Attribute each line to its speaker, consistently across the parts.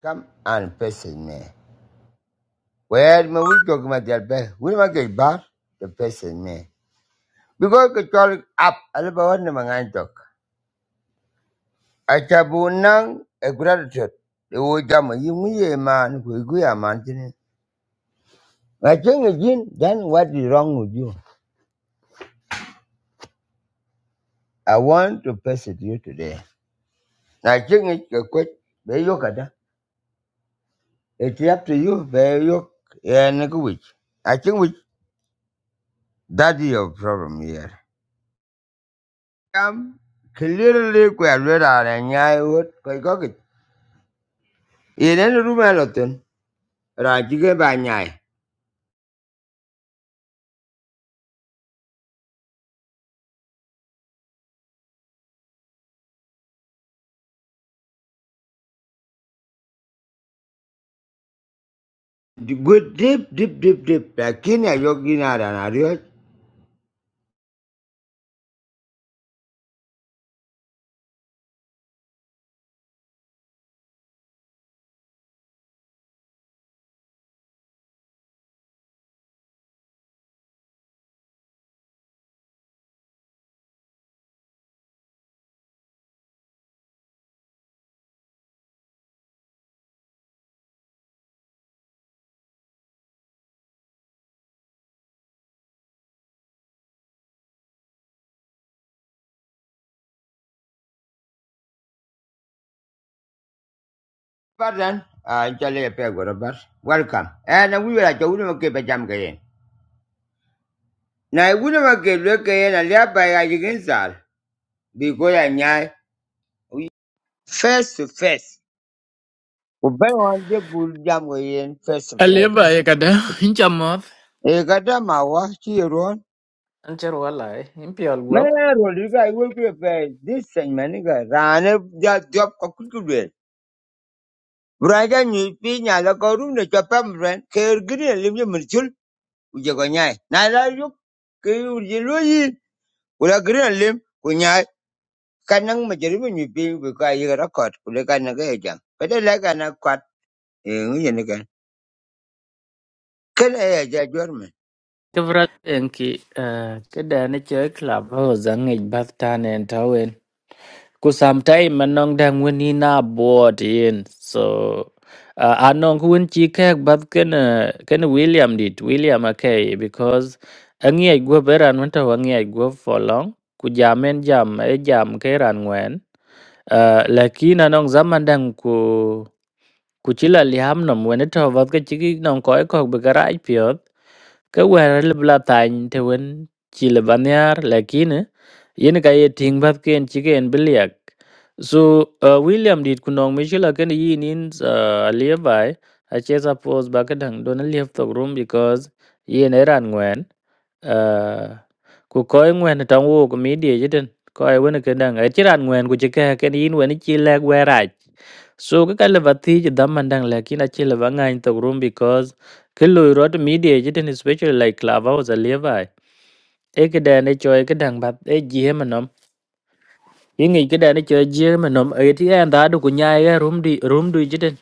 Speaker 1: Come and person me. Where me we talk about their best. We make it bad the person me. Because the talk up alaba wana mangan talk. I Achabunang a gratitude. The old jam you wajama yumuye man Who kuiguya man tini. I think again, then what is wrong with you? I want to visit you today. I think it's a quick kada. It's up to you, very yoke and which. I think which that is your problem here. Um, clearly we are not a nyai what kai ko ki. Ine ru ma lo tin. Ra ji ke ba nyai. Good deep deep deep deep. La kini ayo kina ra na ri. Pardon. Ah, chale pe go bar. Welcome. Eh na wi ra chau ni ma ke pe jam ke yen. Na wi ni ma ke lo ke yen ala ba ya ji gen sal. Bi ko ya nyai. We Face to face. Ubay on de bul jam ke yen face to face.
Speaker 2: Aliba ye kada incha moth
Speaker 1: E kada ma wa chi
Speaker 2: Ancher walai, impial guap.
Speaker 1: मैं रोलिका वो के पे this segment का राने जा job का कुकुडे ब्राजा न्यूपी न्याला करू ने चपम run केर ग्रीन लिम जे मरचुल उजे को न्याय नाला यु के उजे लोई उला ग्रीन लिम को न्याय kanang majari bu nyipi bu ka yi ra kot ku le kan ga ja ka de la kan kot e ngi ne kan ken e ja jor me
Speaker 2: kibra enki kida ni chơi club ho zangi bath tan en tawen ku sometime manong dang wini na board in so uh, anong ku win chi kek bath ken uh, ken William dit William okay, because angi ai gua beran wanta wangi ai gua for long ku jamen jam e jam ke ran wen uh, lakini anong zaman dang ku Kuchila lihamnam wenetho vodka chiki non koi kok bekarai piot ka wera libla tany te wen chile banyar lakini yen ka ye ting bat ken chiken biliak so uh, William dit kunong michila ken yin in uh, aliyabai ache suppose bakadang don aliyab to room because yen eran ngwen Ờ, cô coi ngwen ở trong ô của Mỹ địa chứ trên coi vẫn cái đang ở chỉ ran ngwen của chỉ cái cái in vẫn chỉ là que rải so cái cái là vật thì chỉ đâm mình đang là khi nó chỉ là vắng ngay trong room because cái lối rồi Mỹ địa chứ trên especially like clubhouse là vậy ấy cái đàn này chơi cái đàn bạc ấy gì mà nôm ý nghĩ cái đàn này chơi gì mà nôm ấy thì em đã được của nhai cái room đi room đi chứ trên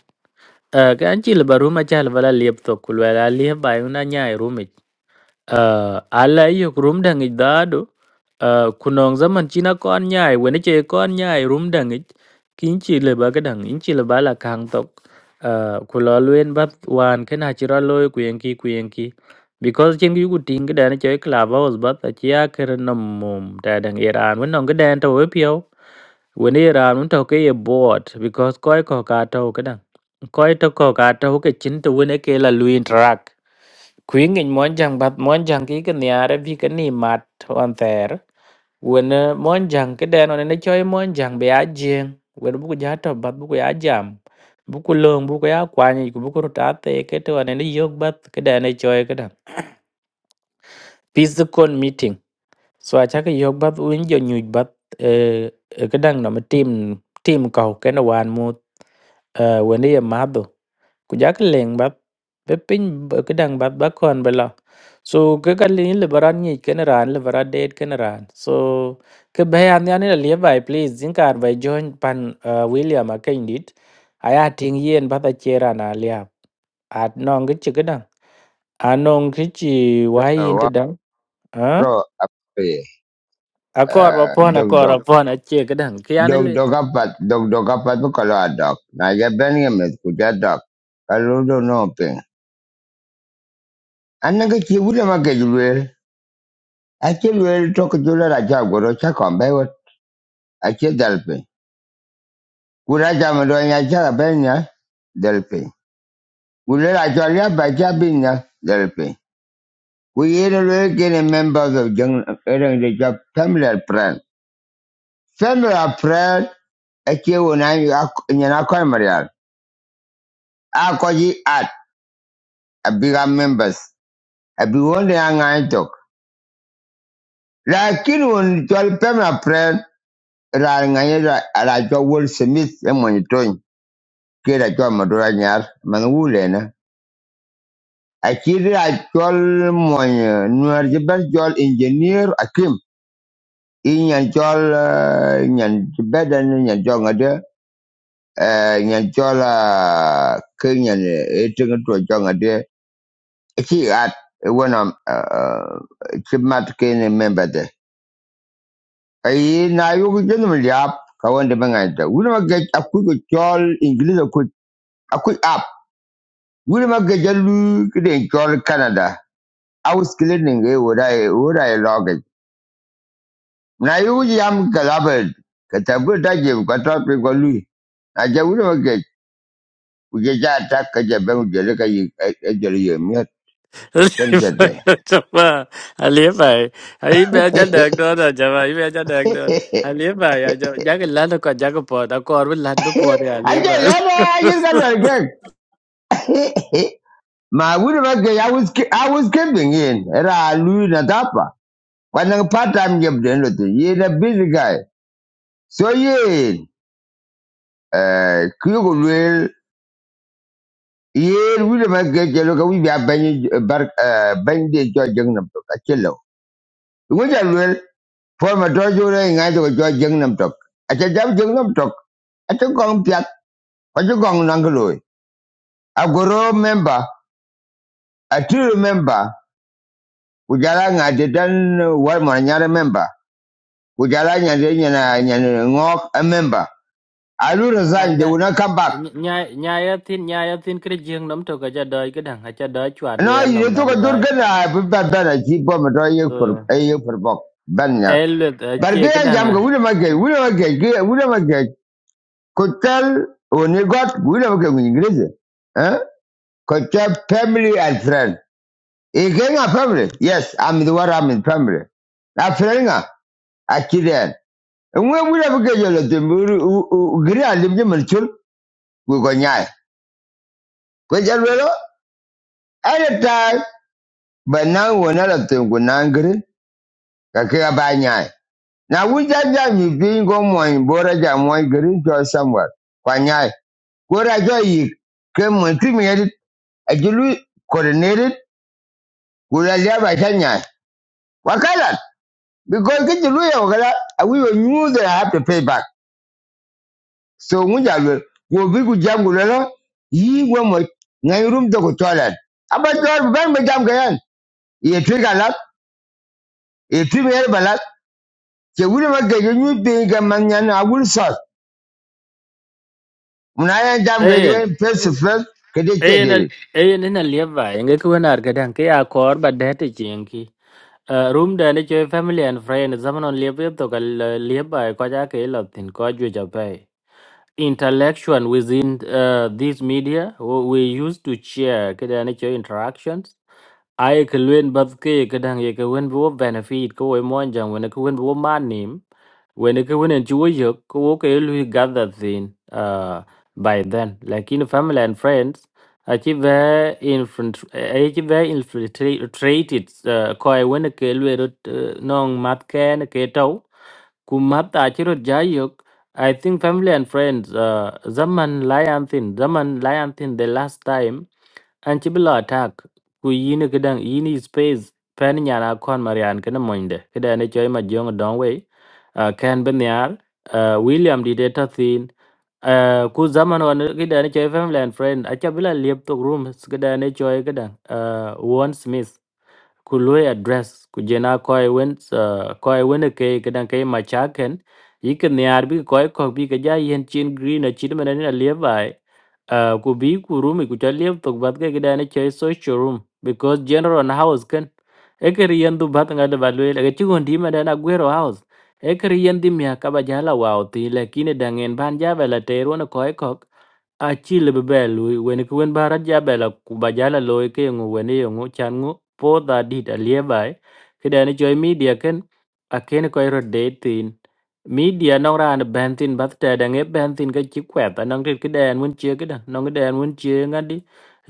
Speaker 2: ờ cái anh chỉ là bà room mà chơi là bà là liệp tục của là liệp bài nó nhai room uh, ala yok rum dangi dado uh, kunong zaman china kon nyai wene che kon nyai rum dangi kinchi le ba gadang inchi le bala kang tok uh, kula luen bat wan kena chira loy kuyenki kuyenki because chen yu ting ga dan che club house bat a chia ker nam mum ta dang iran wen nong ga dan to we pio wene iran un to ke ye board because koi ko ka to ga dang koi to ko ka to ke chin to wene ke la luin track Kwing'eny monjang bath monjang ki kiniare bi kini mat on ther wen eh, monjang kiden on ne choi monjang be ajing wen buku jato bath buku ya jam buku long buku ya kwani ku buku ruta te kete on ne yog bath kiden ne choi kida physical meeting so acha ke yog bath win jo nyuj bath eh kedang no team team kau kena wan mu eh, wen ye madho Kujak leng bap be piny b- kedang bap ba kon bela so ke ka lin le baran ni ken ran le bara det ken ran so ke be an ya ne le bai please jin kar bai join pan uh, william a ken dit aya ting yen ba ta chera na lia at nong ke chi kedang anong ke chi wai
Speaker 1: Uh,
Speaker 2: yin te
Speaker 1: Wafro
Speaker 2: dang a
Speaker 1: Ape,
Speaker 2: akor ba
Speaker 1: uh,
Speaker 2: pon
Speaker 1: Dog
Speaker 2: akor
Speaker 1: Dog.
Speaker 2: ba pon a che kedang
Speaker 1: dog
Speaker 2: ke
Speaker 1: dog apat dog dog apat bu kalau ada na ya ben ya met ku ja dog kalau do no ping anna ke chi wula ma ke luel a che luel to ku jula ra ja goro cha kon wot a che dal ping ku ra ja do ya cha ben ya dal ping ku le ra ja ya ba ja bin ya dal ping ku ye le luel ke ne members of jeng eren de ja family and friend family and friend a che wona ya na ko marial a ko at a bigger members I be one day I talk. Lakin when twelve pem a friend, ra ngani ra ra jo wol smith e monitoin. Ke ra jo madura nyar man wule na. A kiri ra jol mon nuar jibel jol engineer akim. Inyan jol eh, nyan jibedan nyan jol ngade. eh, Nyan jol ah, ke nyan etung tu jol ngade. Ki at when I'm uh, uh, chimat ke ne member Aye, na yo ko jeni mul yap ka wonde ma nganta. Wuri ma ge akui ko chol English ko akui app. Wuri ma jalu ki chol Canada. Aus kile ninge wora e wora e loge. Na yo yam jam galabed ka tabu da je ko to pe ko lu. A je wuri ma ge ku je ja ta ka je be mu jele ka yi e jele ye mi
Speaker 2: lý
Speaker 1: kan je de.
Speaker 2: bảy là cho mà anh lý bảy anh bây giờ đang đòi đó cho mà bây giờ đang đòi anh lý bảy à cho, giá cái lát nó còn giá cổ, đâu có ai biết lát biết cổ rồi anh
Speaker 1: A
Speaker 2: lý
Speaker 1: je
Speaker 2: bảy,
Speaker 1: le ba yir ka lo ge. Ma wuri ma I was I was giving in. Era lu na tapa. Kwanang part time job den lo tu. Ye na busy guy. So ye eh kuyo ko luel ye wile ma ke chelo ka wibi abanyi bar bany de cho tok a chelo. Ngo ja luel for ma to jo re ngai to cho jeng tok. A cha jam jeng tok. A cha gong piat. A cha gong nang loy. A goro member. A true member. Kujala ngai dan war ma nyare member. Kujala nyande nyana nyana ngok a member. Alu resign they will not come back.
Speaker 2: nhảy nhảy nhảy ở trên nhảy ở trên cái giường nằm đâu có chơi đói cái đằng, chơi đói chua
Speaker 1: No,
Speaker 2: đuôi
Speaker 1: na
Speaker 2: anh
Speaker 1: yini
Speaker 2: nằm
Speaker 1: to
Speaker 2: nằm
Speaker 1: ka
Speaker 2: ở
Speaker 1: dur
Speaker 2: bên,
Speaker 1: gana bu ba bana ki bo a do ye kur
Speaker 2: ừ,
Speaker 1: e ye kur bok ban ya
Speaker 2: em được
Speaker 1: bar ge
Speaker 2: chơi cái
Speaker 1: ya
Speaker 2: đằng
Speaker 1: jam ga
Speaker 2: à,
Speaker 1: wule ma ge wule it. ge ge wule ma ge ko tel o ne got wule ma ge ngi greze eh ko tel family and friend e ge nga family yes i'm the one i'm in family na friend nga akiden nwe wule ma ge yo de mu gri a lim je man chul ku go nyaai ko jar welo anytime ba na wona la tengu nangri ka ke ba nyaai Now we just jam you being go moin bora jam moin green to somewhere. Kwanyai. Kora jo yi kem moin kimi edit a julu coordinated kula liya ba kanya. Wakala because get julu ya wakala and we will knew that I have to pay back. So muja will go big with jam gulala yi go na room to go toilet. Aba toilet ban ba jam gayan. Ye trigger lat ye timi yer balat. Ke wuri ma ga yu being a man yan a Munaya jam
Speaker 2: em
Speaker 1: gaye face to face. Kede
Speaker 2: em là
Speaker 1: kede.
Speaker 2: em là lý bảy, người kêu là cái đằng, cái áo khoác bảo đẹp thế chị anh kia. Uh, room dane chơi family and friend zaman on liep liep to kal liep ai ko ja ke lo tin ko ju ja pai interaction within uh, these media wh- we used to share kada nature interactions I ke luen bat ke kada ye ke wen bo benefit ko we mon jang wen ke wen bo manim wen ke wen ju yo ko ke lu gather thin uh by then like in family and friends achi ve infant achi ve infiltrated uh, ko ai wen ke lu rot uh, nong mat ken ke tau kumata chiro jayuk i think family and friends uh, zaman lion thin zaman lion thin the last time an ci bila attack ku yini kidan yini space pen nyana kon marian kana moinde kada ne joy ma jong don we uh, ken benyar uh, william di data thin uh, ku zaman wan kidan ne joy family and friend acha bila liep to room kada ne joy kada uh, one smith ku lui address ku jena koi wen uh, koi wen e ke kedan ke ma cha ken yiken yar bi koi ko bi ke ja yen chin green a chin mena ni le bai uh, ku bi ku room e ku cha le to bat ke kedan che social room because general na house ken e ke yen du bat ngal ba lui le ke chi gon di mena na guero house e ke yen di mi ka ba ja la wa o ti le kine dangen ban ja ba la te ro na koi ko a chi le be lui wen ku wen barat ja be la ku ba ja la loy ke ngo wen yo ngo chan ngo po da di da lie bai ke da ni joy media ken a ken ko ro de tin media no ran ben tin bat ta da nge ben tin ga chi kwet a nang ke ke den mun che ke da nang den mun che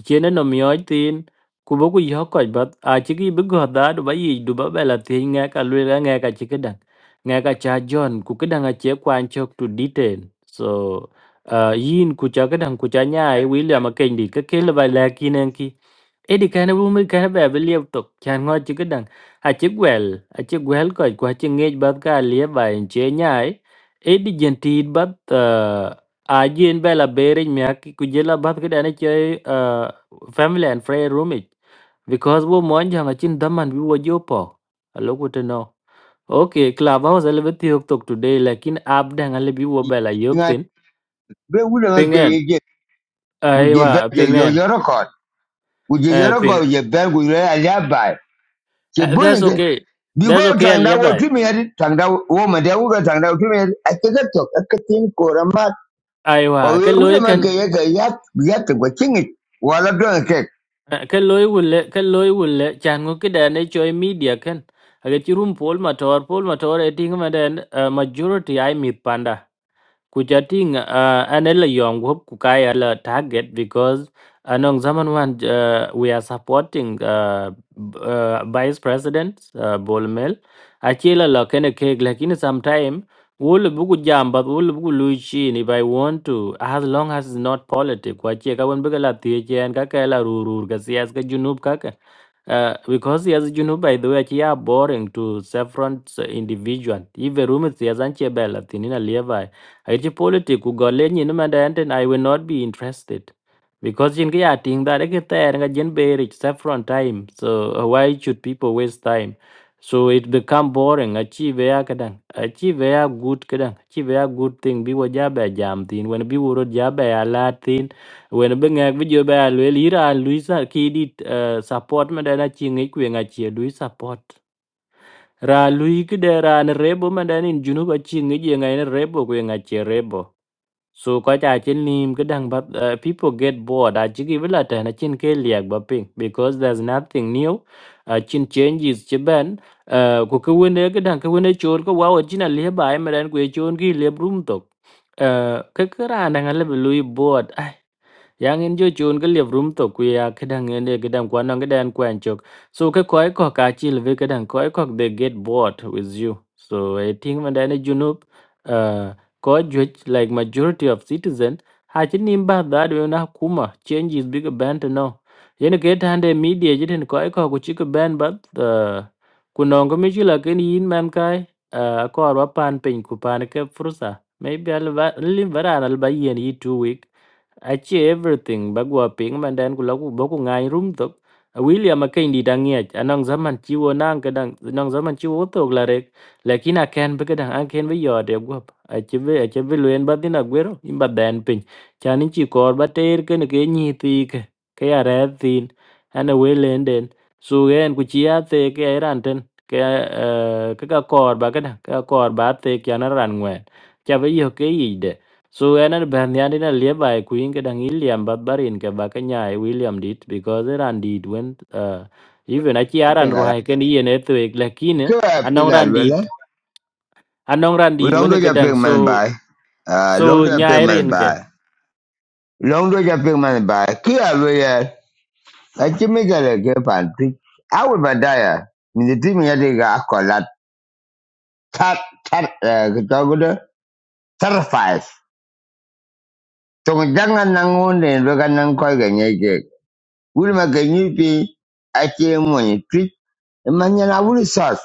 Speaker 2: chene no miyoc thin ku boku yo koj bat a chiki bi ku yök köc ba acïki bï goth dha du ba yic du ba bëla thïc ŋëk alwel ëŋëk acï këdaŋ ŋëk aca jon ku këdaŋ ace kwan cök tu detail so uh, yin ku ca këdaŋ ku ca nya i william akenydi kekel ba lëk yïn ën ki Edi kana bumi kana ba be liep tok chan ngo chi kedang a chi gwel a chi gwel ko ko chi ngej ba ka lie ba en che nyai edi jenti ba a jin ba la bere mya ki ku jela ba ke dane che ah, family and friend room it because wo mon jang a chin daman bi wo jo po a lo ku te no okay club house le beti yok tok today lakin ab dang le bi wo ba la yok
Speaker 1: nga
Speaker 2: tin
Speaker 1: be wule ke
Speaker 2: pingen
Speaker 1: ye we
Speaker 2: ai wa
Speaker 1: be je yo
Speaker 2: pingen
Speaker 1: yoro ko we
Speaker 2: eh
Speaker 1: yoro ko
Speaker 2: ping
Speaker 1: je be we re
Speaker 2: eh, that's
Speaker 1: ke
Speaker 2: okay
Speaker 1: bi go
Speaker 2: that's okay
Speaker 1: tang wo
Speaker 2: a
Speaker 1: tu yadi tang wo ma da wo ga wo tu yadi a ke ga to ko
Speaker 2: Aiwa,
Speaker 1: we
Speaker 2: cái
Speaker 1: wule
Speaker 2: lối
Speaker 1: ke
Speaker 2: kan
Speaker 1: ye ke ya go chingi wala do ke
Speaker 2: eh, cái lối wulle cái lối wulle chan ngo cái đàn ấy chơi media kan aga chi room poll ma tor poll ma tor eting ma den majority ai mi panda kujating uh, anela yong hop kukaya la target because anong zaman wan uh, we are supporting uh, b- uh, vice president uh, bolmel achila la kene keg lakini sometime wul buku jamba wul buku luichi if i want to as long as it's not politic kwa che ka wen bega la tie chen ka ka la rurur ka sias ka junub ka Uh, because as you know, by the way, they are boring to several individual. If a room is yes, and she bella, thinina levi. I politics, go lenny, no matter, and I will not be interested. Because in kia ting that ke ter nga jen berich saffron time. So uh, why should people waste time? So it become boring. Achieve ya kadang. Achieve ya good kadang. Achieve ya good thing. Bi waja ba jam tin. When bi wuro ja ba ya la tin. When bi ngak bi jo ya lwe li ra ki di uh, support Madana dana chi ngi kwe nga lui support. Ra lui kide ra ne rebo ma dana in junuba chi ngi je nga ne rebo kwe nga rebo. So ko cha chin nim kedang but uh, people get bored. I jigi vila ta na chin ke liag ba ping because there's nothing new. Uh, chin changes chi ben uh, ko ke wene kedang ke wene chon ko wow chin a le ba ai medan ko chon ki le brum tok. Uh, ke kra na ngale lui bored. À, yang in jo chun ke liep rum to kuya kedang en de kedang kwan nang kedan kwan chok so ke koi ko ka chil ve kedang koi ko they get bored with you so i think man dane junup uh ko juj like majority of citizen ha chin nim ba da de na kuma change is big band no yen ke tan de media jiten koi ko ku chik ban but uh kunong ko mi chila ken yin man kai uh ko arwa pan pin ku pan ke frusa maybe al va lim varan al bayen yi two week achi everything bagwa ping man dan ku lagu boku ngai rum tok A William akai di dangia anong zaman chiwo nang kadang anong zaman chiwo tok la rek lakini aken be kadang aken be yode gwap achi be achi be luen badina gwero imba dan pin chani chi kor ba ter ken ke nyi ti ke ke are tin ana we len den su gen ku chi ate ke ran ten ke eh, ke ka kor ba kadang ka kor ba te kya na ran ngwe cha be yo ke yi So enan ben yani na lieba e kuin ke dang William babarin ke bakanya e William dit because eran dit when uh, even achi
Speaker 1: ya pe
Speaker 2: aran ruhai ken yen eto ek
Speaker 1: ke
Speaker 2: lakine
Speaker 1: ya pe
Speaker 2: anong
Speaker 1: nga
Speaker 2: ran dit anong ran dit when
Speaker 1: ya
Speaker 2: ke
Speaker 1: pe
Speaker 2: dang so
Speaker 1: bai ah
Speaker 2: so
Speaker 1: long ya pe
Speaker 2: nyairin ke
Speaker 1: bai long ya pe bai ke ya Achimikele ke pantik. Awe badaya. Minitimi yadi ga akola tar tar eh, kitabuda tarfas. Tong jangan nangunde loga nang koi ga nyeke. Wulma ga nyipi ache mwani trik. Manyana wuli sas.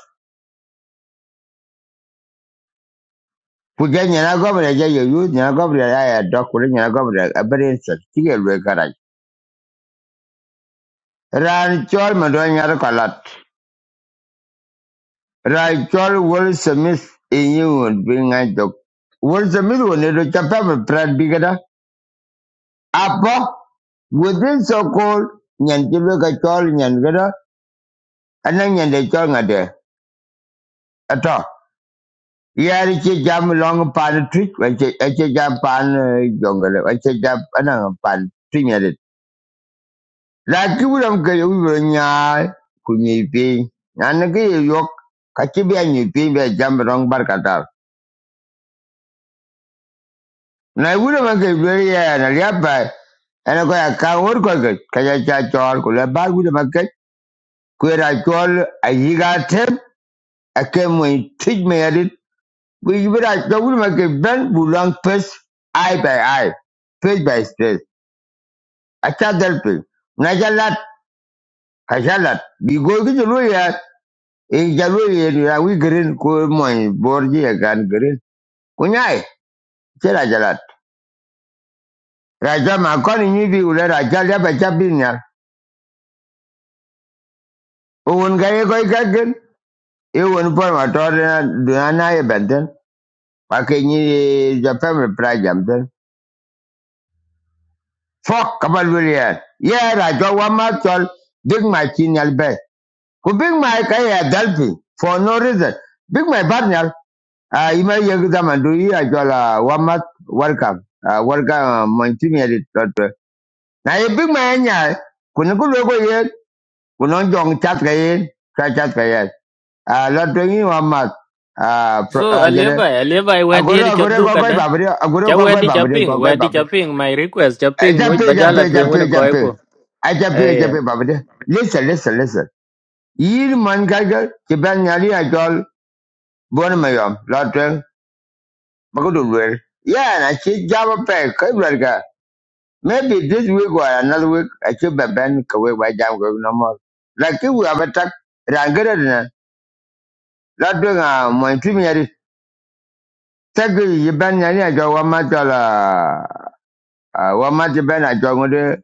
Speaker 1: Kuja nyana gobra ja yo yu nyana gobra ya ya dokure nyana gobra abere sas. Tige lwe karaj. Ran chol mado nyara kalat. Ran chol wul semis inyu wun binga jok. Wul semis wun edo chapapa prat bigada. Apo within so called nyan jibe ka chol nyan gada ana nyan de chol ngade ato yari che jam long pan trick wache ache jam pan eh, jongale wache jam ana pan trinyade la kibulam ke ubro nya kunyi pi nan ke ye yok ka chi be jam rong bar kata na ubro ke be ya na ya pa ana ko ya ka wor ke ka cha chol kula la bar ubro ma ke ku chol ayiga tep, akai mai tij mai yadit ku yibira da wuri mai ke ben bulang pes eye by eye page by page a ta dalpe na jalat ka jalat bi go gi jalo ya e jalo ya ni ya wi green ko mai borji ya gan green ku nyai ce la jalat raja ma kon ni bi ule raja ya ba ja bin o won ga ye go ga gen e won por ma to na na ye benden pa ke ni ja pem Fuck about William. Yeah, I got one muscle. Big my chinyal bay. Ku big my kaya delphi for no reason. Big my barnyal. Uh, you may yell them and do you. I got uh, one month welcome. Uh, welcome, my chinyal. Now, you big my anyal. Kuna ku logo yen. Kuna jong chat kayen. Chat chat kayen. Uh, lot doing you one month. Uh, pro-
Speaker 2: so
Speaker 1: uh, jere.
Speaker 2: alieba alieba e wedi ni
Speaker 1: Agora, agora,
Speaker 2: chadu
Speaker 1: kokoi
Speaker 2: kada
Speaker 1: babri. Agora,
Speaker 2: cha
Speaker 1: kokoi
Speaker 2: wedi chaping
Speaker 1: babri.
Speaker 2: wedi chaping my request chaping
Speaker 1: Jump
Speaker 2: muj
Speaker 1: in, jump
Speaker 2: bajala
Speaker 1: in,
Speaker 2: twen
Speaker 1: jump
Speaker 2: when
Speaker 1: in,
Speaker 2: ko
Speaker 1: jump in.
Speaker 2: ko
Speaker 1: I jump in, jump
Speaker 2: ay
Speaker 1: in, Baba dear. Listen, listen, listen. Yir man kaja, kiban nyari ajol, bon mayom, lotren, bakudu well. Yeah, and I see java pay, kaibraga. Maybe this week or another week, I should be ben kawe by jam going no more. Like if we have a tuck, rangere na, lotren a mointumi yari, tagi yiban nyari ajol wamatola, wamati ben ajol ngode,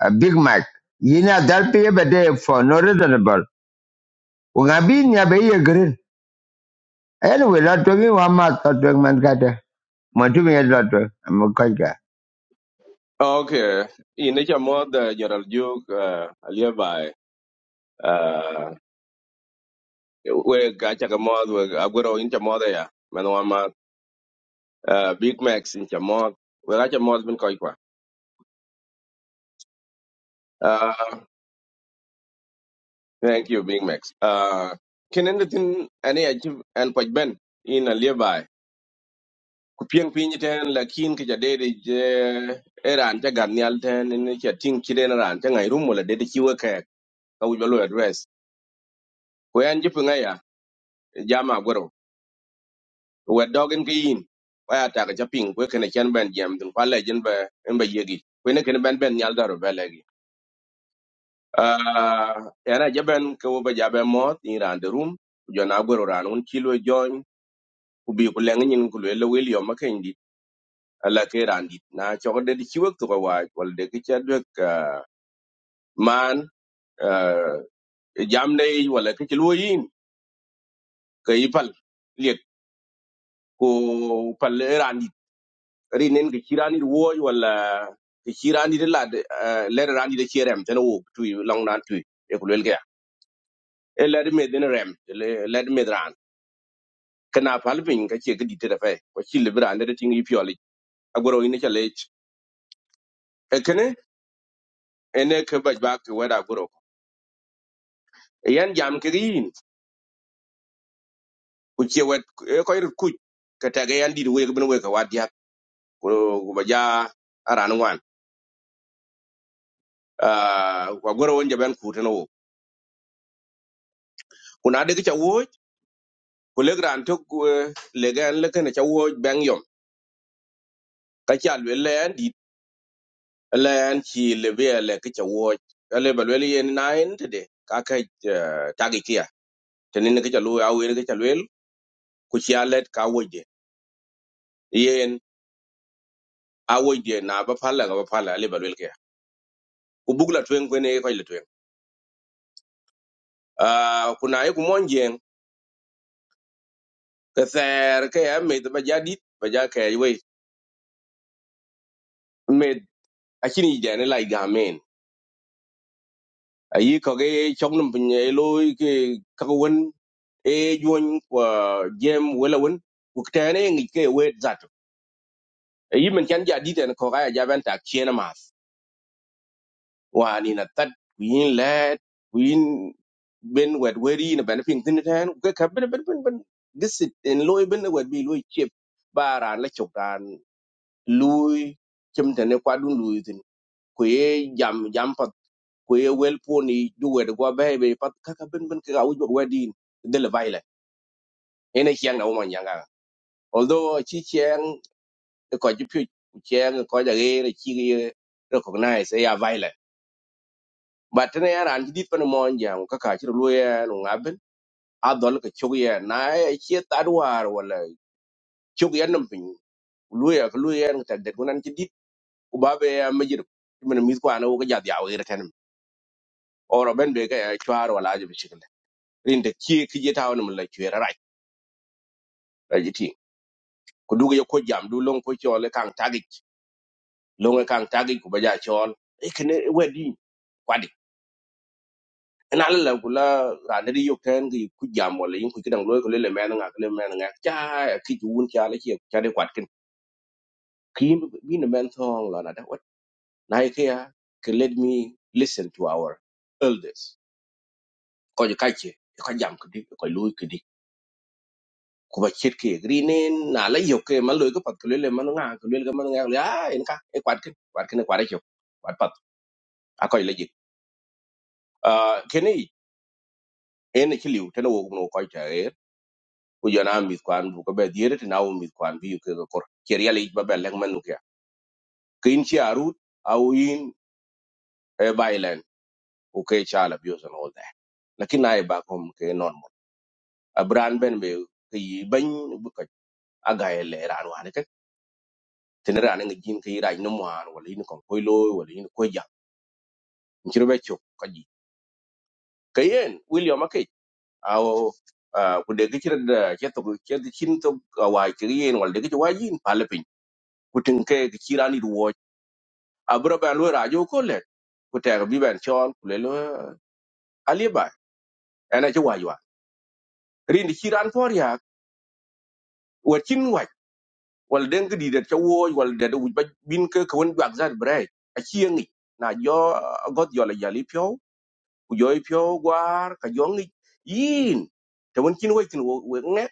Speaker 1: a Big Mac. Yina dalpi yebede for no reasonable. Wanga bi nya be ye green. Anyway, lot to me one month, lot to man kata. Montu me lot to. I'm a kaja.
Speaker 3: Okay, in each mod the General Duke uh, alibi uh, we gacha ka mod we aguro in cha mod ya manwa ma uh, Big Max in cha mod we gacha mod bin koi kwa uh, thank you Big Max uh, kin anything any achieve and poj ben in alibi kupien piny ten lakin ki jadede je eran cha ganial ten in cha ting chiden ran cha ngairum wala dede chiwe kek ka wujalo address ko yan jipu ngaya jama agwero we dogen ke yin wa ta ga japing ko ken ken ben jam dun kwa le jin ba en ba yegi ko ne ken ben ben nyal daro ba le gi ah era jaben ko ba jabe mot in rande rum jo na goro ran un kilo join ku bi ku leng nyin ku le le wil yo ma ken di ala ke randit na cho de di chiwek to wa wal de ke cha de ka man ah, jam ne wala ke chilo yin ke ipal liet ko pal randi rinen ke chirani wo wala ke chirani de la le rani de chirem tan wo tu long nan tu e ko lelga e le me den rem le le me dran kana palpin ka che gidi te fe ko chi le brande de tingi pioli agoro ine chale e kene ene ke baj ba ke wada agoro yan jam ke yin ku che wet e ko ir ku ka ta ga yan di we bin we ka wadia ko ba ja aran wan ah agoro wonje ben ku tan wo kuna de ke cha wo ku lek ran tok legan le kana chawo bang yom ka cha le len di len chi le be le ka chawo le ba le yen nine today ka ka tagi kia tenin ka cha lu awen ka cha le ku cha le ka wo je yen a wo je na ba phala ga ba phala le ba le ke ku bugla twen ko ne ko le twen a ku na ku mon jen ka ser ka ya me ba ja dit ba ja ka we me a chini je ne lai ga men ayi ko ge chok num pinye loy ke ka wen ไอ้คนว่ายามเวลวนุการทำเองก็เอเวดจัดอ่ะไอ้ยิมมันแค่ดีดเดินเข้าไปเจ้าเป็นตักเทียนมาสว่านี่นัดตัดหุยนเลดหุยนเบนเวดเวอรี่น่ะเป็นเพียงเทนเทียนแกขับเป็นเป็นเป็นเป็นก็สุดเอ็นลอยเป็นเวดบีลอยชิบบาร์ร้านเล็กๆร้านลอยชิมเทนไอ้ควาดุนลอยสิคุยยามยามพัดคุยเวลป้อนนี่ดูเวดกว่าเบบีปัตข้าขับเป็นเป็นกระเอาอยู่แบบเวดินเดลใบละเฮ้ยนี่เชียงเราไม่ยังกันพอเราชี้เชียง ko ji pyo ku cheng ko ja ge re chi ge recognize ya violent but ne ya ran dit pan mo jang ka ka chi lu ya no ngaben a dol ka chu ya na ya chi ta duar wala chu ya nam pin lu ya lu ya ta de ku nan chi dit ku ba be ya majir men mi ko ana wo ka ja ya we re tan oro ben be ka ya chwar wala ji bi shikle rin de chi ki je ta wona mun la chi ra rai ra ji ti ku du ya ko jam du long ko chole kang tagich long kang tagich ku ba ja chol ikene wedi นั้นเราคนละสถานะที่ยกแทนก็อยู่คุยยามหมดเลยยิ่งคุยก็ดังลุ้ยคนเลี้ยเลี่ยแม่ต้องงานก็เลี้ยแม่ต้องงานใช่คิดอยู่คนจะอะไรเชียวจะได้ควัดกันครีมมีน้ำมันทองแล้วนั่นได้ควัดนายที่อยากให้เลดมี่ฟังเสียงของผู้สูงอายุคนจะใครเชียวคนจะยามคนนี้คนลุ้ยคนนี้คุยคิดแค่กรีนินน่าเลี้ยยกเองมันลุ้ยก็ปัดคนเลี้ยเลี่ยแม่ต้องงานก็เลี้ยแม่ต้องงานก็เลี้ยอันนี้ค่ะไอ้ควัดกันควัดกันก็ควาดได้ยกควัดปัดอ่ะก็อย่าหยุดอ่าแค่นี้เองที่เหลือที่น้องกูน้องก็จะเอ ku jona mit kwan bu ko be diere ti nawo mit kwan bi ke ko kor ker yali ba be leng manu ke kin chi arut au in e bailen ku ke chala bi so no da lakin ay ba kom ke non mo abran ben be ke yi ban bu ka aga ele ran wa ne ke tin ran ngi jin ke ira no mo an wala in kon koy lo wala in ko ja nchir be chok ka ji ke yen william ake au ku de gichir da ke to ke chin to wa ke yen wala de gichir wa jin pale pin ku tin ke gichirani abro ben lo rajo ko le ku teg bi ben chol ku le lo ali ba ena ci wajwa rin ci ran for ya wa cin waj wal den gi didet ca woj wal de wuj ba bin ke ko won jak zat bre a ci ngi na jo uh, got yo la jali pyo ku jo pyo gwar ka jo ngi yin te won cin waj tin wo we nge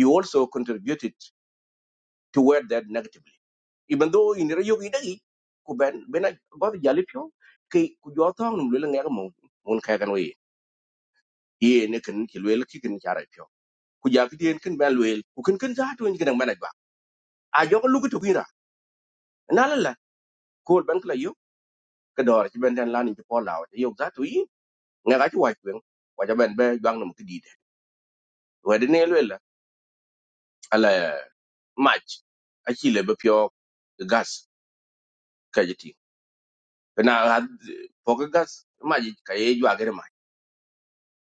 Speaker 3: you also contributed toward that negatively even though in re yo gi dagi ku ben ben got jali pyo ke ku jo tong num le nge mo mun ka kan wi ye ne kin ki lwel ki kin chara pyo ku ja ki den kin ban lwel ku kin kin za to ni kin ban ba a jo ko lugu to gira na la la ko ban kala yo ka dor ki ben den la ni ci po la wa yo za to yi nga ga ti wa kwen wa ja ben be jang nam ki di de wa de ne lwel la ala match a ki le be pyo gas ka ji ti na po ka gas ma ji ka ye jwa gere ma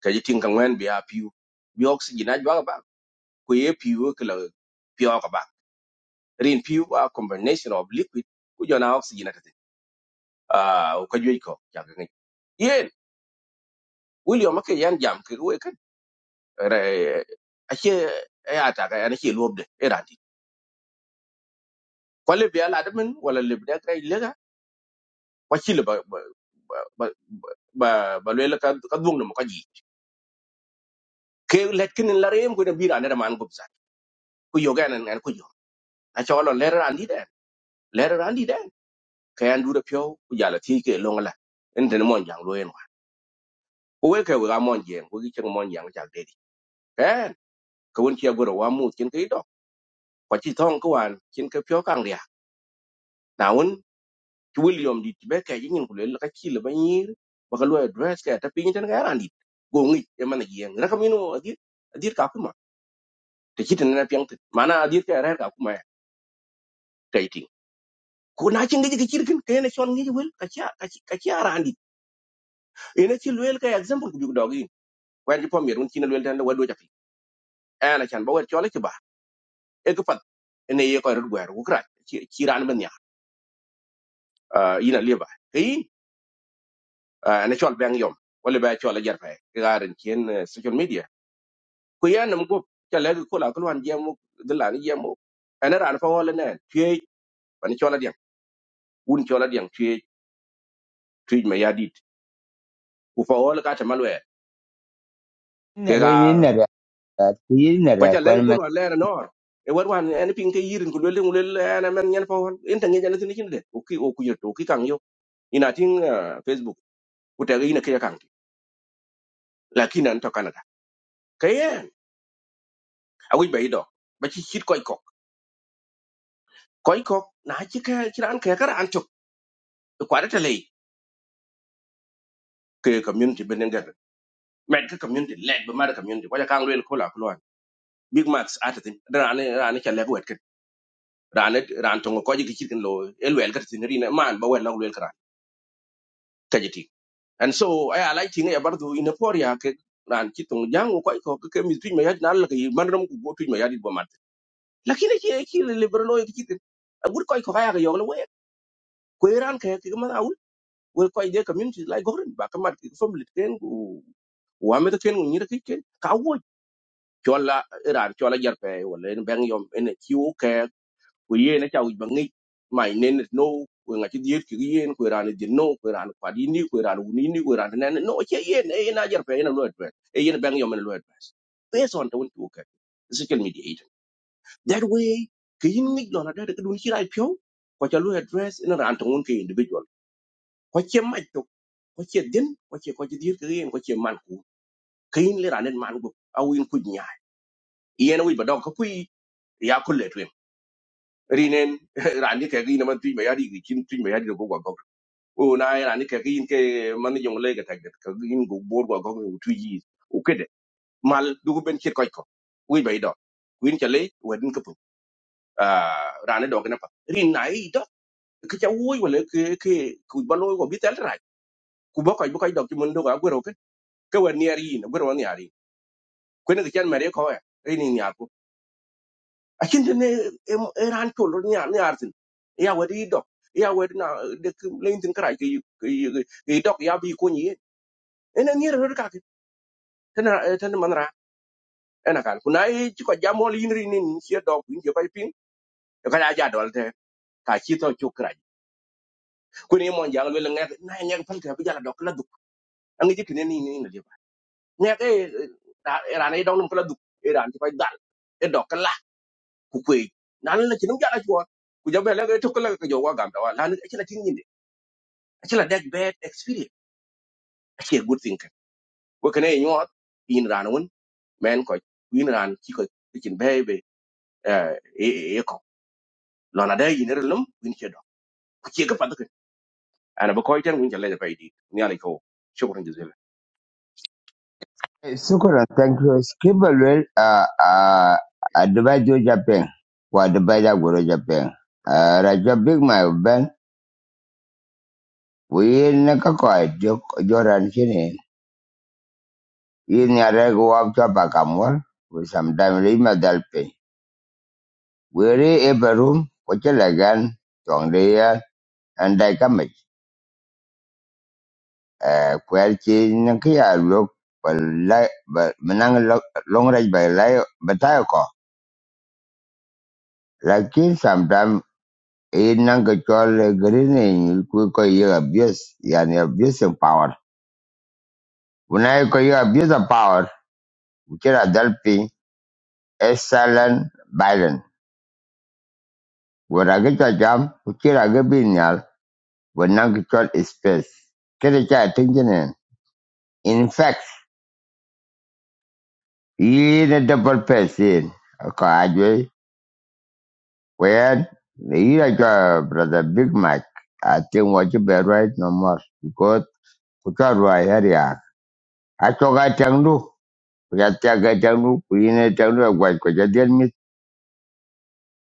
Speaker 3: ka ji tin kan wen bi a piu bi oxygen a jwa ba ku ye piu ka la pyo ka ba rin piu a combination of liquid ku jona oxygen atati a ka joi ko ja ga ngi yen william ke yan jam ke we kan Re- a che e ata ga yan che lobde e rati ko le bi ala men wala le bi da kai lega wa chi le ba ba ba ba ba le la ka ka dung mo ka ji ke let kin la rem ko da bi ra ne man go sa ku yo ga nan ngan ku yo a cho lo le ran di den le ran di den ka yan du da pyo ku ja la ti ke long la en de mo jang lo en wa ko we ke we ga mo jeng ko ki che mo jang ja eh ko won ci agoro wa mu kin kai do ko ci ton ko wan kin ka pyo kang ria na won ci william di ti be ka yin ko le ka ci le ban yir ba ka lo address ka ta pin tan ga ran di go ngi e man gi en rakam ino adir adir ka kuma te ci tan na pyang te mana adir ka ra ka kuma ta itin ko na ci ngi ci kirkin ka yana shon ngi wel ka ci ka ci ka ci ran di ina ci wel ka example ku bi dogi ko en ci pom yer won ci na wel tan da wado ja fi ana chan ba wa chole ci ba e ka pat ne ye ko ru gwer ku kra ci ran uh, ina liba kai uh, na chol bang yom wala ba chol ajar fa garan ken eh, social media ku ya nam go kala ko la ko wan jemu dala ni jemu ana ran fa wala na tie pan chol adian un chol adian tie tie ma yadit ku fa wala ka ta malwe ke ga
Speaker 1: Nare
Speaker 3: ko ta le ko
Speaker 1: man.
Speaker 3: la na nor e war wan en pin ke yirin ku le le ana men nyen fa wala en tan nyen ana tin kin de o ki o ku yo to ki kan yo ina tin eh, facebook ku ta ga ina ke kan lakin an to kanada kayen awi ba ido ba ci hit ko koy ko na ci ka ci ran ka kara antuk ko da tale ke community benen gar med ka community led ba mara community ko ja kan wel ko la ko wan big max atatin ran ran ka leg wet ken ran ran to ko ji ki kin lo el wel ka tin rina man ba wel na wel kra ka jiti and so i like thing ya bardu in a poria ke ran ci tong jang ko ko ke mi tuñ ma yadi na la ka man ram ko go tuñ ma yadi ba man lakini ki ki liberal o ki kin agur ko ko ka ya ga yo le we ko ran ka ke ma we ko de community like gorin ba kamat ki family ken ku wa me ken ni de ken ka wo chola ran chola jar pe wala en bang yom en ki wo ke ku ye na chawu bangi mai nen no we ngati diet ki yen ku ran di no ku ran pa di ni ku ran uni ni ni ku ran nen no che yen e na jar pe en lo et e yen bang yom en lo et based on the one to ke physical mediator that way ki yin ni lo na de ku dun chi rai pyo ko chalu address in ran to un ki individual ko che ma to ko che din ko che ko dir ke yen ko che man ku kin le ranen man go aw in ku nya yen wi ba dog ko kui ya ko le twen rinen rani ke gi na man tu ba ya di kin tu ba ya di go go go o na ya rani ke gi ke man yong le ga tag ka gi go bor go go tu yi u ke de mal du ben che ko ko wi ba i dog kuin cha le wa din ka pu a rani dog na pa rin nai dog ke cha wi wa le ke ke ku ba lo go bi tel ra ku ba ko ba ko dog ki mun do ga go ke wer niar yin gwer wan niar yin kwen ke chan mare ko e rin niar ko a chin ne e ran to lo niar niar tin ya wer yi dok ya wer na de lein tin kra ke ke dok ya bi ko ni e na niar ro ka ke tan tan man ra e na kal ku na e chi ko jamol yin rin nin chi dok yin je pai pin ka ja ja dol te ka chi to chu kra ku ni mon jang le ngak na ngak pal ke bi ja dok la duk ang ji kin ni ni ni le ba ngak e ran e dok num kla duk e ran ti pai ku kwe na la ci num jara ci wa ku jabe la ga to kala ka jowa gam da wa la ci la ci ni ci la deg bad experience ci a good thing kan wo kane nyo in ran won men ko in ran ci ko ci be be eh e e ko lona da yin relum win ci do ku ci ga fa da ana ba ko tan win ci la da fa di ni ala ko shukran
Speaker 1: Sukura, thank you. Skibble well, uh, uh, Adubai Jo Japan. Wa Adubai Jagoro Japan. Uh, Raja Big My Ben. We naka koi jok joran chini. In yare go up to Bakamwal. With some time lima dalpe. We re a room. Kocha lagan. Tongdeya. And I come eh, kwɛr ci nyin lok ba lai ba manang lok long rai ba lai ba tai ko lakin sometimes in nang ka chol green in ku ko ye abuse yani abuse of power unai ko ye abuse of power ukira dalpi excellent violent wora ga cha jam ukira ga binyal wanang ka chol space kede cha tingene in fact i n na double person ko Well, you like uh, brother Big Mac. I think what you better right no more because we can't right here. yeah. I talk I tell you, we got to get tell you, we need to tell you what because you tell me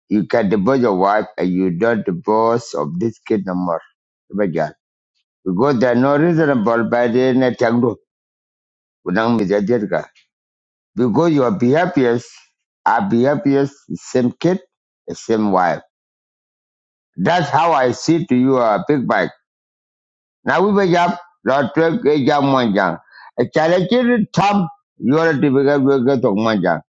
Speaker 1: you can divorce your wife and you don't divorce of this kid no more. But yeah, because they're not reasonable by the end tell you, we don't miss that deal, guy. Because your behaviors are behaviors same kid, the same wife. That's how I see to you, uh, Big Mac. Now we were up, Lord Trek, Ejam Manjang. A challenge thumb, you are a typical worker of Manjang.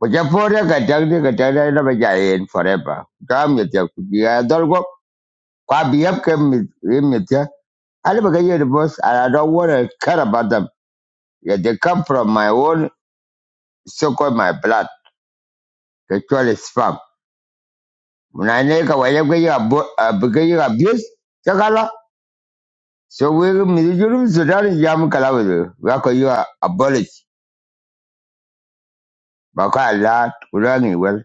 Speaker 1: But your father can tell you, can tell you, never giant forever. Come with you. The other go, quite be up, came with him with you. I never get the boss, and I don't want to care about them. Yeah, they come from my own, so called my blood, the is sperm. When I make a way, I get you abuse, so we, will Mr. Jurum, Sudan, Yam Kalawi, where you are abolished. baka la kulani wel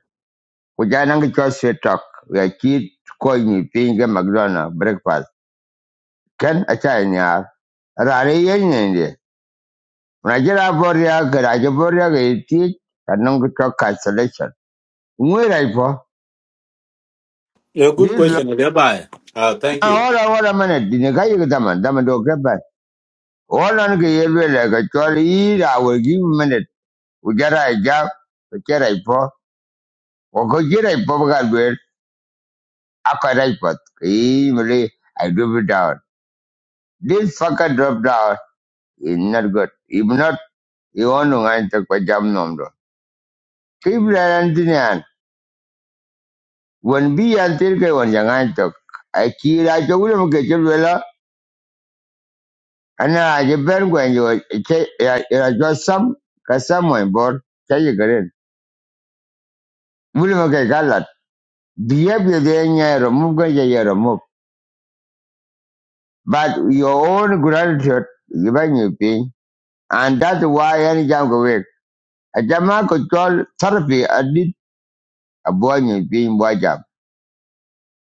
Speaker 1: kujana ngi cho se tok ya ki ko ni pinga mcdonald breakfast ken a cha nya rare yen ne ne na boria ga boria ga ti kanong ko tok ka selection
Speaker 4: Yeah, good
Speaker 1: this lo
Speaker 4: question, Alibi. Uh, thank
Speaker 1: na
Speaker 4: you.
Speaker 1: ora ora mane dine ga yi ga man dama do ga ba ora ngi yelwe la ga cho ri ra we gi mane ujara ja ko jira po ko jira po ga lwer akara po ki I do it down. This fucker dropped out. It's not good. If not, you want to ngayon tok pa jam nom do. Keep lang din yan. Wan bi yan til kay wan yang ngayon tok. Ay kira cho ulo mo kay chul wala. Ana aje ben kwen yo. Che ya jo sam ka sam mo bor. Che ye garen. Ulo mo kay galat. Behave yo de nya remove ko ye remove. But your own gratitude given you pin. And that's why any jam go work. Ajama ko chol therapy I did a boy abo nyi pin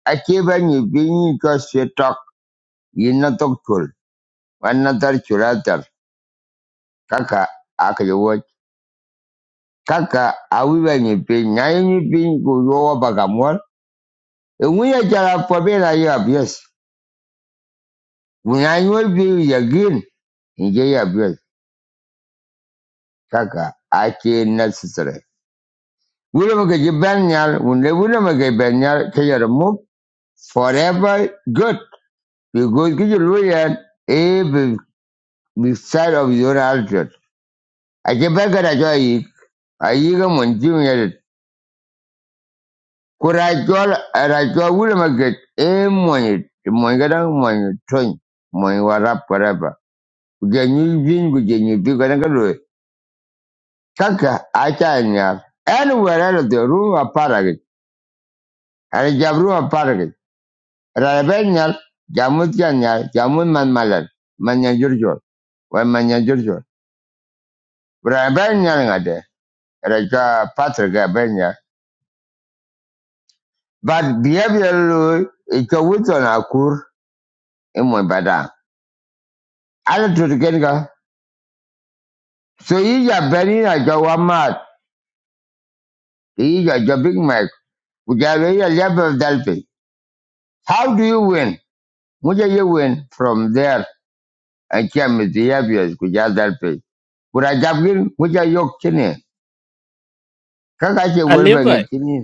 Speaker 1: Akibanyi binyiitwa switok yinatokchul wanatar chulatar kaka akliwuoch kaka awibanyi piny ng'anyoni piny kuyowo pakamuol iwiya jala pobela yi apies ng'anyuol piny yagin inje yi apies kaka ake necessary wulama keji ben nyal wunde wulama ke ben nyal forever good because kiji luyen e be beside of your altitude ake ben kada cho ayiga mon jiŋ yɛli ku daa jɔli a daa jɔ wulima gɛt ee mɔnyi mɔnyi rap forever ku je nyu vin ku je bi ka daŋ kaka acha cha nyal ɛni wɛrɛ lo de rum a paragi a da jab rum a paragi a da bɛ nyal jamu tia nyal man malan man nya wa manya nya jurjol benyal ngade. nyal ŋa de a da jɔ patri but behavior lo e ka wuto na kur e mɔnyi badang ala tutu so yi ja beni na ja wa mat ki yi ja ja big mac ku ja ya le ba how do you win mu ja ye win from there a kya mi ti ya bi ku ja dal pe ku ra ja gin mu ja yok chine ka ka che wer ba nge
Speaker 2: alieba
Speaker 1: chini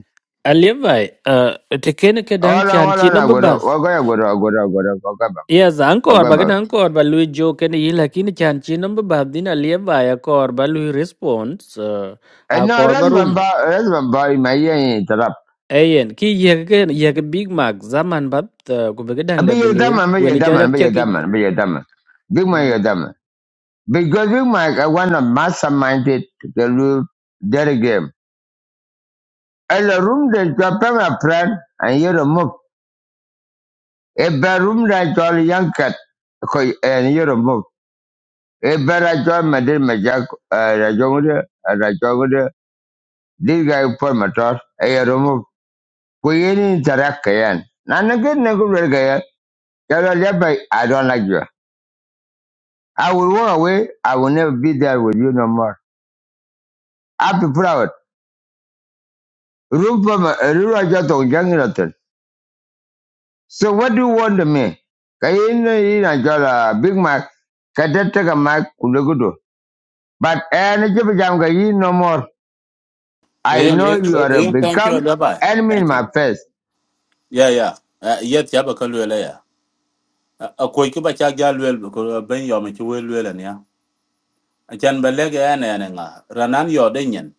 Speaker 2: alieba uh, tekene ke dang
Speaker 1: ola
Speaker 2: chan chi
Speaker 1: ola na go ro
Speaker 2: number
Speaker 1: wa go ya go ro go ro go ro go ga ba
Speaker 2: Yes,
Speaker 1: go
Speaker 2: ankor
Speaker 1: ga ba
Speaker 2: bagen ankor ba lui joke ni lakini chan chino ba babdin alia ba ya kor ba lui response uh,
Speaker 1: Eh,
Speaker 2: a
Speaker 1: no
Speaker 2: kor
Speaker 1: ras
Speaker 2: ba
Speaker 1: ban ba
Speaker 2: room.
Speaker 1: ras ban ba ma ye
Speaker 2: Ayen ki yeke yeke Big Mac zaman bab uh, ku bagen dang
Speaker 1: abi ye da
Speaker 2: develuen
Speaker 1: ma ye
Speaker 2: kweni
Speaker 1: da
Speaker 2: cha jak
Speaker 1: ma ye da
Speaker 2: chakich.
Speaker 1: big ma
Speaker 2: Mm.
Speaker 1: ye because we might I want to mastermind it to the loot their game. And the room that you pay my friend and you remove. A bad room that you all young cat ko- and you remove. A bad I join my dear my jack uh Rajongre and Rajongre. This guy for my toss. I remove. We any interact again. None again never again. Tell her "Yeah, yeah, yeah, but I don't like you. I will walk away. I will never be there with you no more. I'll be proud. Room for my room I just don't So what do you want of me? Kayina ina jala Big Mac, kadataka Mac kudogudo. But any jibajanga you no more. I
Speaker 4: Ian,
Speaker 1: know
Speaker 4: Ian,
Speaker 1: you
Speaker 4: uh,
Speaker 1: are a
Speaker 4: Ian, thank you,
Speaker 1: become
Speaker 4: Alibi.
Speaker 1: enemy in
Speaker 4: Thank
Speaker 1: my
Speaker 4: you.
Speaker 1: face.
Speaker 4: Yeah, yeah. Uh, yet, yeah, but Kalula, yeah. A quick bacha galwell because a Ben Yom, you will well, and yeah. A chan belega and an Ranan Yordanian,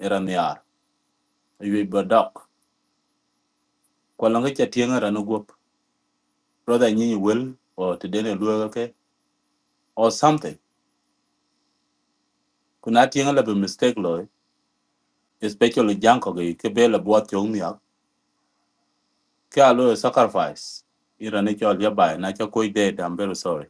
Speaker 4: Iraniar, you be doc. Kwalanga Tianga Ranugup, brother Nini will, or to Daniel Luelke, or something. Kuna Tianga be mistake, Loy, especially Janko, Kebela Boat Yomia, Kalo sacrifice. Iranic Alibi, and I can quit dead. I'm very sorry.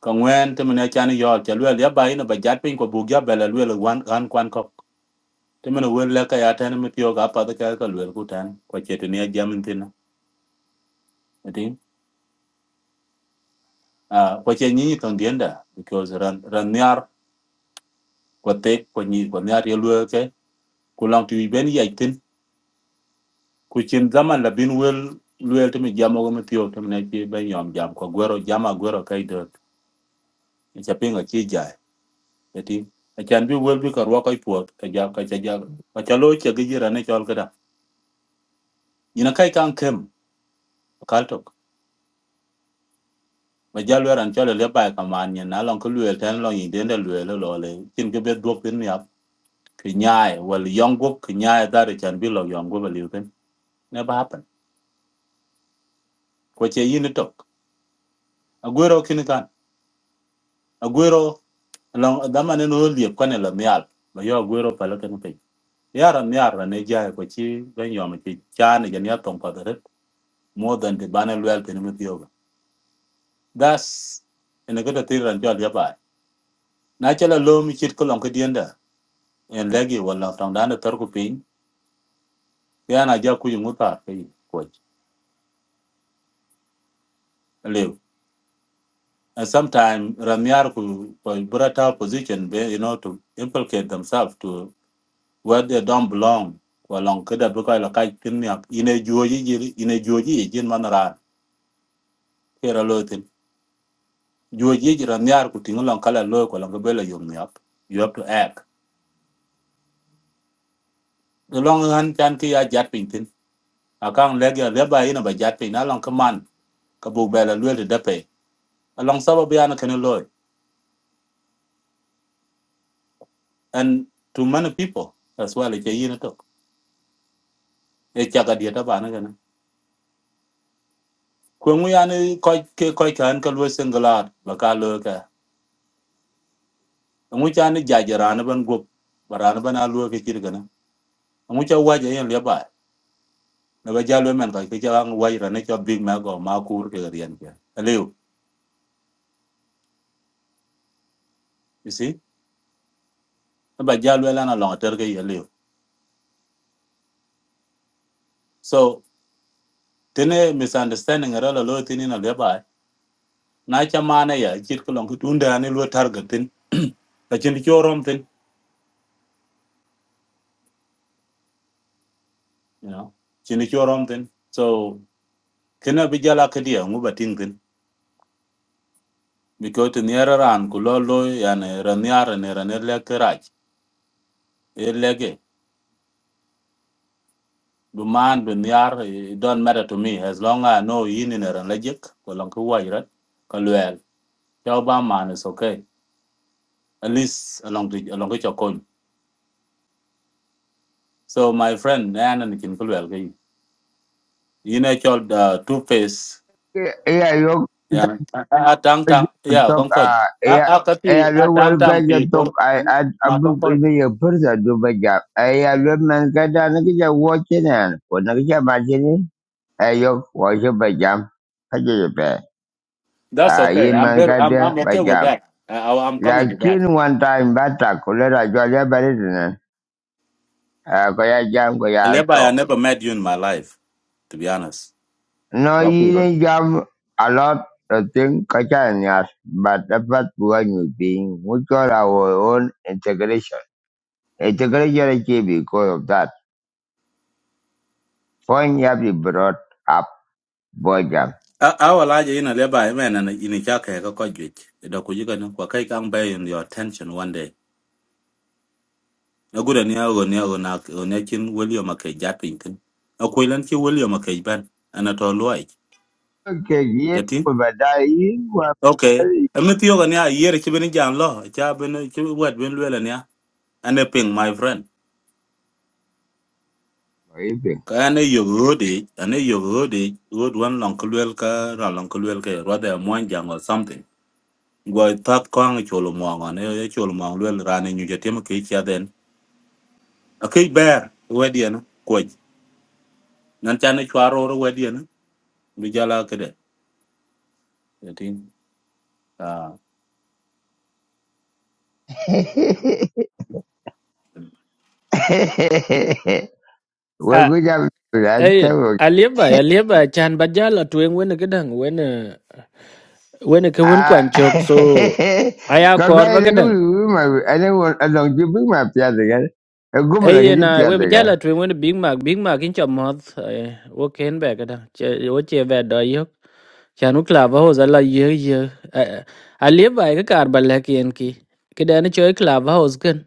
Speaker 4: ka ŋwɛn ti min acan yɔɔl ca luɛl ya ba yin ba jat piny kɔ buk ya bɛl aluel ɣan kuan kɔk ti min wen lɛ ka ya tɛn mi piɔɔk apath kɛk ka luel ku tɛn kɔ ce tini ajamin thina itin kɔ ce nyinyi kaŋdienda because ran ran niar kɔ thik kɔ nyi kɔ niar ye luel ke ku lɔŋ ti wic bɛn yac thin ku cin dhaman labin wel luel ti mi jamɔgo mi piɔɔk ti min aci bɛn yɔm jam kɔ gwero jam agwero ka idot ca piny aci jai itin acan bi wel bi ka ruɔk ipuɔth ka ja ka ca ja ka ca loo cegi jira ne cɔl Nyina kai kan kem kaltok. Ba jalwer an chole le bai kaman nyen na long kulwe ten long yin den de lwe le lo le. Kin ke bet dwok pin yap. Ki nyae wal yong gop ki nyae dare chan bi lo yong gop liu ken. Never happen. Ko che yin tok. Agwero kin kan. Agwero long dama ne no liep kwane la mial. Ba yo agwero pala ken pe. Yara miara ne jae ko chi ben yo me chi chane jan yap tong padaret. More than the banner well pin with yoga. That's in a good theater and jolly by. Natural low me chit kolong ke dienda en legi wala tong dan de tor ku pin ya na ja ku yu muta pe ko lew and sometime ramiar ku ko brata position be you know to implicate themselves to where they don't belong ko long ke da bu ko la kai tin mi ak ine joji ji ine joji ji jin man ra ke ra lo tin joji ji ramiar ku tin long kala lo ko long ke be la yum mi ak you have to act the long han chan ki ya jat pin tin akang legi le ba ina ba jat pin na long ke man ka bu be la lo de pe along sababu yana kene and to many people as well che yin to e cha ga dia ta ba na ga na ko ngu ya ni ko ke ko ka an ka lo singular ba ka lo ka ngu cha ni ja ja ran ban go ran ban a lo ke kir ga na ngu cha wa ja yin le ba na ba ja lo men ka ke big ma go ma kur ke ga yan ke leo you see na ba ja lo la na lo ter ke ye so tene misunderstanding ra la lo tini na le ba na cha ma na ya kir ko lo ku tun da ni lo targetin ka chin chorom you know chini chorom tin so kena bijala kedia ngu bating tin because tin yara ran ku lo lo yani ran yara ne ran le kerach e lege man bu nyar it don't matter to me as long as i know yin in ran lejek ko lon ku wai rat ka lwel tell ba man is okay at least along the along the chokon so my friend nan and kin ku lwel ge yin e chol uh, two face
Speaker 1: Yeah, you
Speaker 4: yani a a- a tang
Speaker 1: talk.
Speaker 4: tang
Speaker 1: Uh,
Speaker 4: yeah
Speaker 1: talk.
Speaker 4: kon ko a
Speaker 1: yeah.
Speaker 4: a ka ti a
Speaker 1: The
Speaker 4: tang
Speaker 1: world
Speaker 4: tang
Speaker 1: guys
Speaker 4: pi kor
Speaker 1: talk. I, I, I
Speaker 4: ma
Speaker 1: be a person do my job. Yeah, the man guy that nakuja watching and for nakuja imagine. I yo watch your jam. Kaje yo pe.
Speaker 4: That's
Speaker 1: Ah, ye
Speaker 4: okay. I'm
Speaker 1: man
Speaker 4: better. I'm I'm okay with
Speaker 1: guy
Speaker 4: that. I, I- I'm coming to that.
Speaker 1: lakini wantaamitata kuleta jwalia baritine koya jam koya
Speaker 4: Levi, I
Speaker 1: to.
Speaker 4: never met you in my life, to be honest.
Speaker 1: No
Speaker 4: What Peter?
Speaker 1: yini jam a lot of thing kachanias, but dapat bukan nyuping, mutual our own integration. Integration achieve because of that. Point ya be brought up boy jam.
Speaker 4: I I will like you know, Levi, man, and in a jack, I got you. The Kujikan, Wakai can bear in your attention one day. No good and yell on yell on Nakin William Mackay Jappington. A Quilanki William Mackay Ben, and at all like.
Speaker 1: Okay, yini
Speaker 4: Yeti?
Speaker 1: kubadai wa
Speaker 4: Okay. A Mithiogan, a year, Chibin Jan Law, Chabin, Chibin, Wet, Win Lelania, and a ping, my friend. kayane yog rode ane yog rode rod wan long kulwel ka ra long kulwel ke rode mon jang or something go tat kwang cholo mo ane ye cholo mo lwel rane nyu je tem ke cha den ake ber wedi ane ko nan chane chwaro ro wedi ane bi jala kede tin ah
Speaker 2: Ah,
Speaker 1: Weguja
Speaker 2: ayen alia ba alia ba chan ba jala tueng wena gedang wena wena ke wen kwan
Speaker 1: Ah,
Speaker 2: chok so aya kor
Speaker 1: kakak yang aku
Speaker 2: ba
Speaker 1: ibu mah, ada orang ada orang ibu mah piada kan. Aku malah
Speaker 2: Ê
Speaker 1: kerja
Speaker 2: na we
Speaker 1: piada kan.
Speaker 2: bjala twi wen Big Mac Big Mac in chom hoth wo ken be kada che wo che ve do yo chan u klava ho zala ye ye a le bai ka kar bal ki en ki cái da ne choy klava ho zgen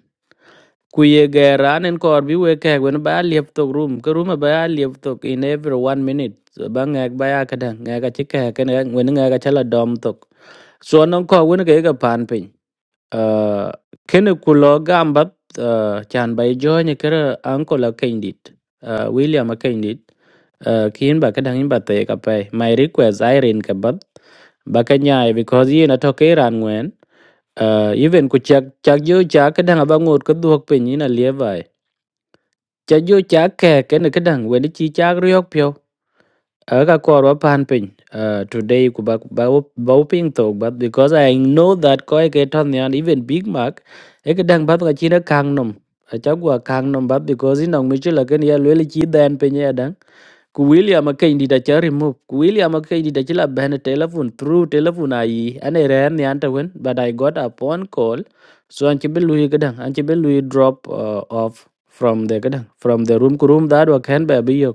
Speaker 2: ku ye ge ran en kor bi we ke wen ba le to room ke room ba liệp to in every one minute so ba ngak ba ya kada ngak ka cái ke ken wen ngak ka là dom to so non ko wen cái cái pan pin uh, kene ku lo gambap uh, chan bay jo ne kere anko la kendit uh, william a kendit uh, kin ba ka dangin ba te ka pay my request i rin ka bat ba ka nyaay because yin atoke iran ngwen uh, even ku chak chak jo chak ka dang ba ngot ka duok pe ni na lievai chak jo chak ke kene ka dang wen chi chak riok pyo Aka korwa pan piny uh, today ku ba ba wo- ba ping to but because I know that koi ke ton yan even Big Mac e ke dang bat ka china kang nom a cha gua kang nom but because in nong michela ken ya lele chi dan piny ya dang ku William a kendi da cha remove ku William a kendi da chila ban telephone through telephone ai ane ran yan ta wen but I got a phone call so an chi belu ke dang an chi belu drop uh, off from the ke dang from the room ku room that wa ken ba bi yok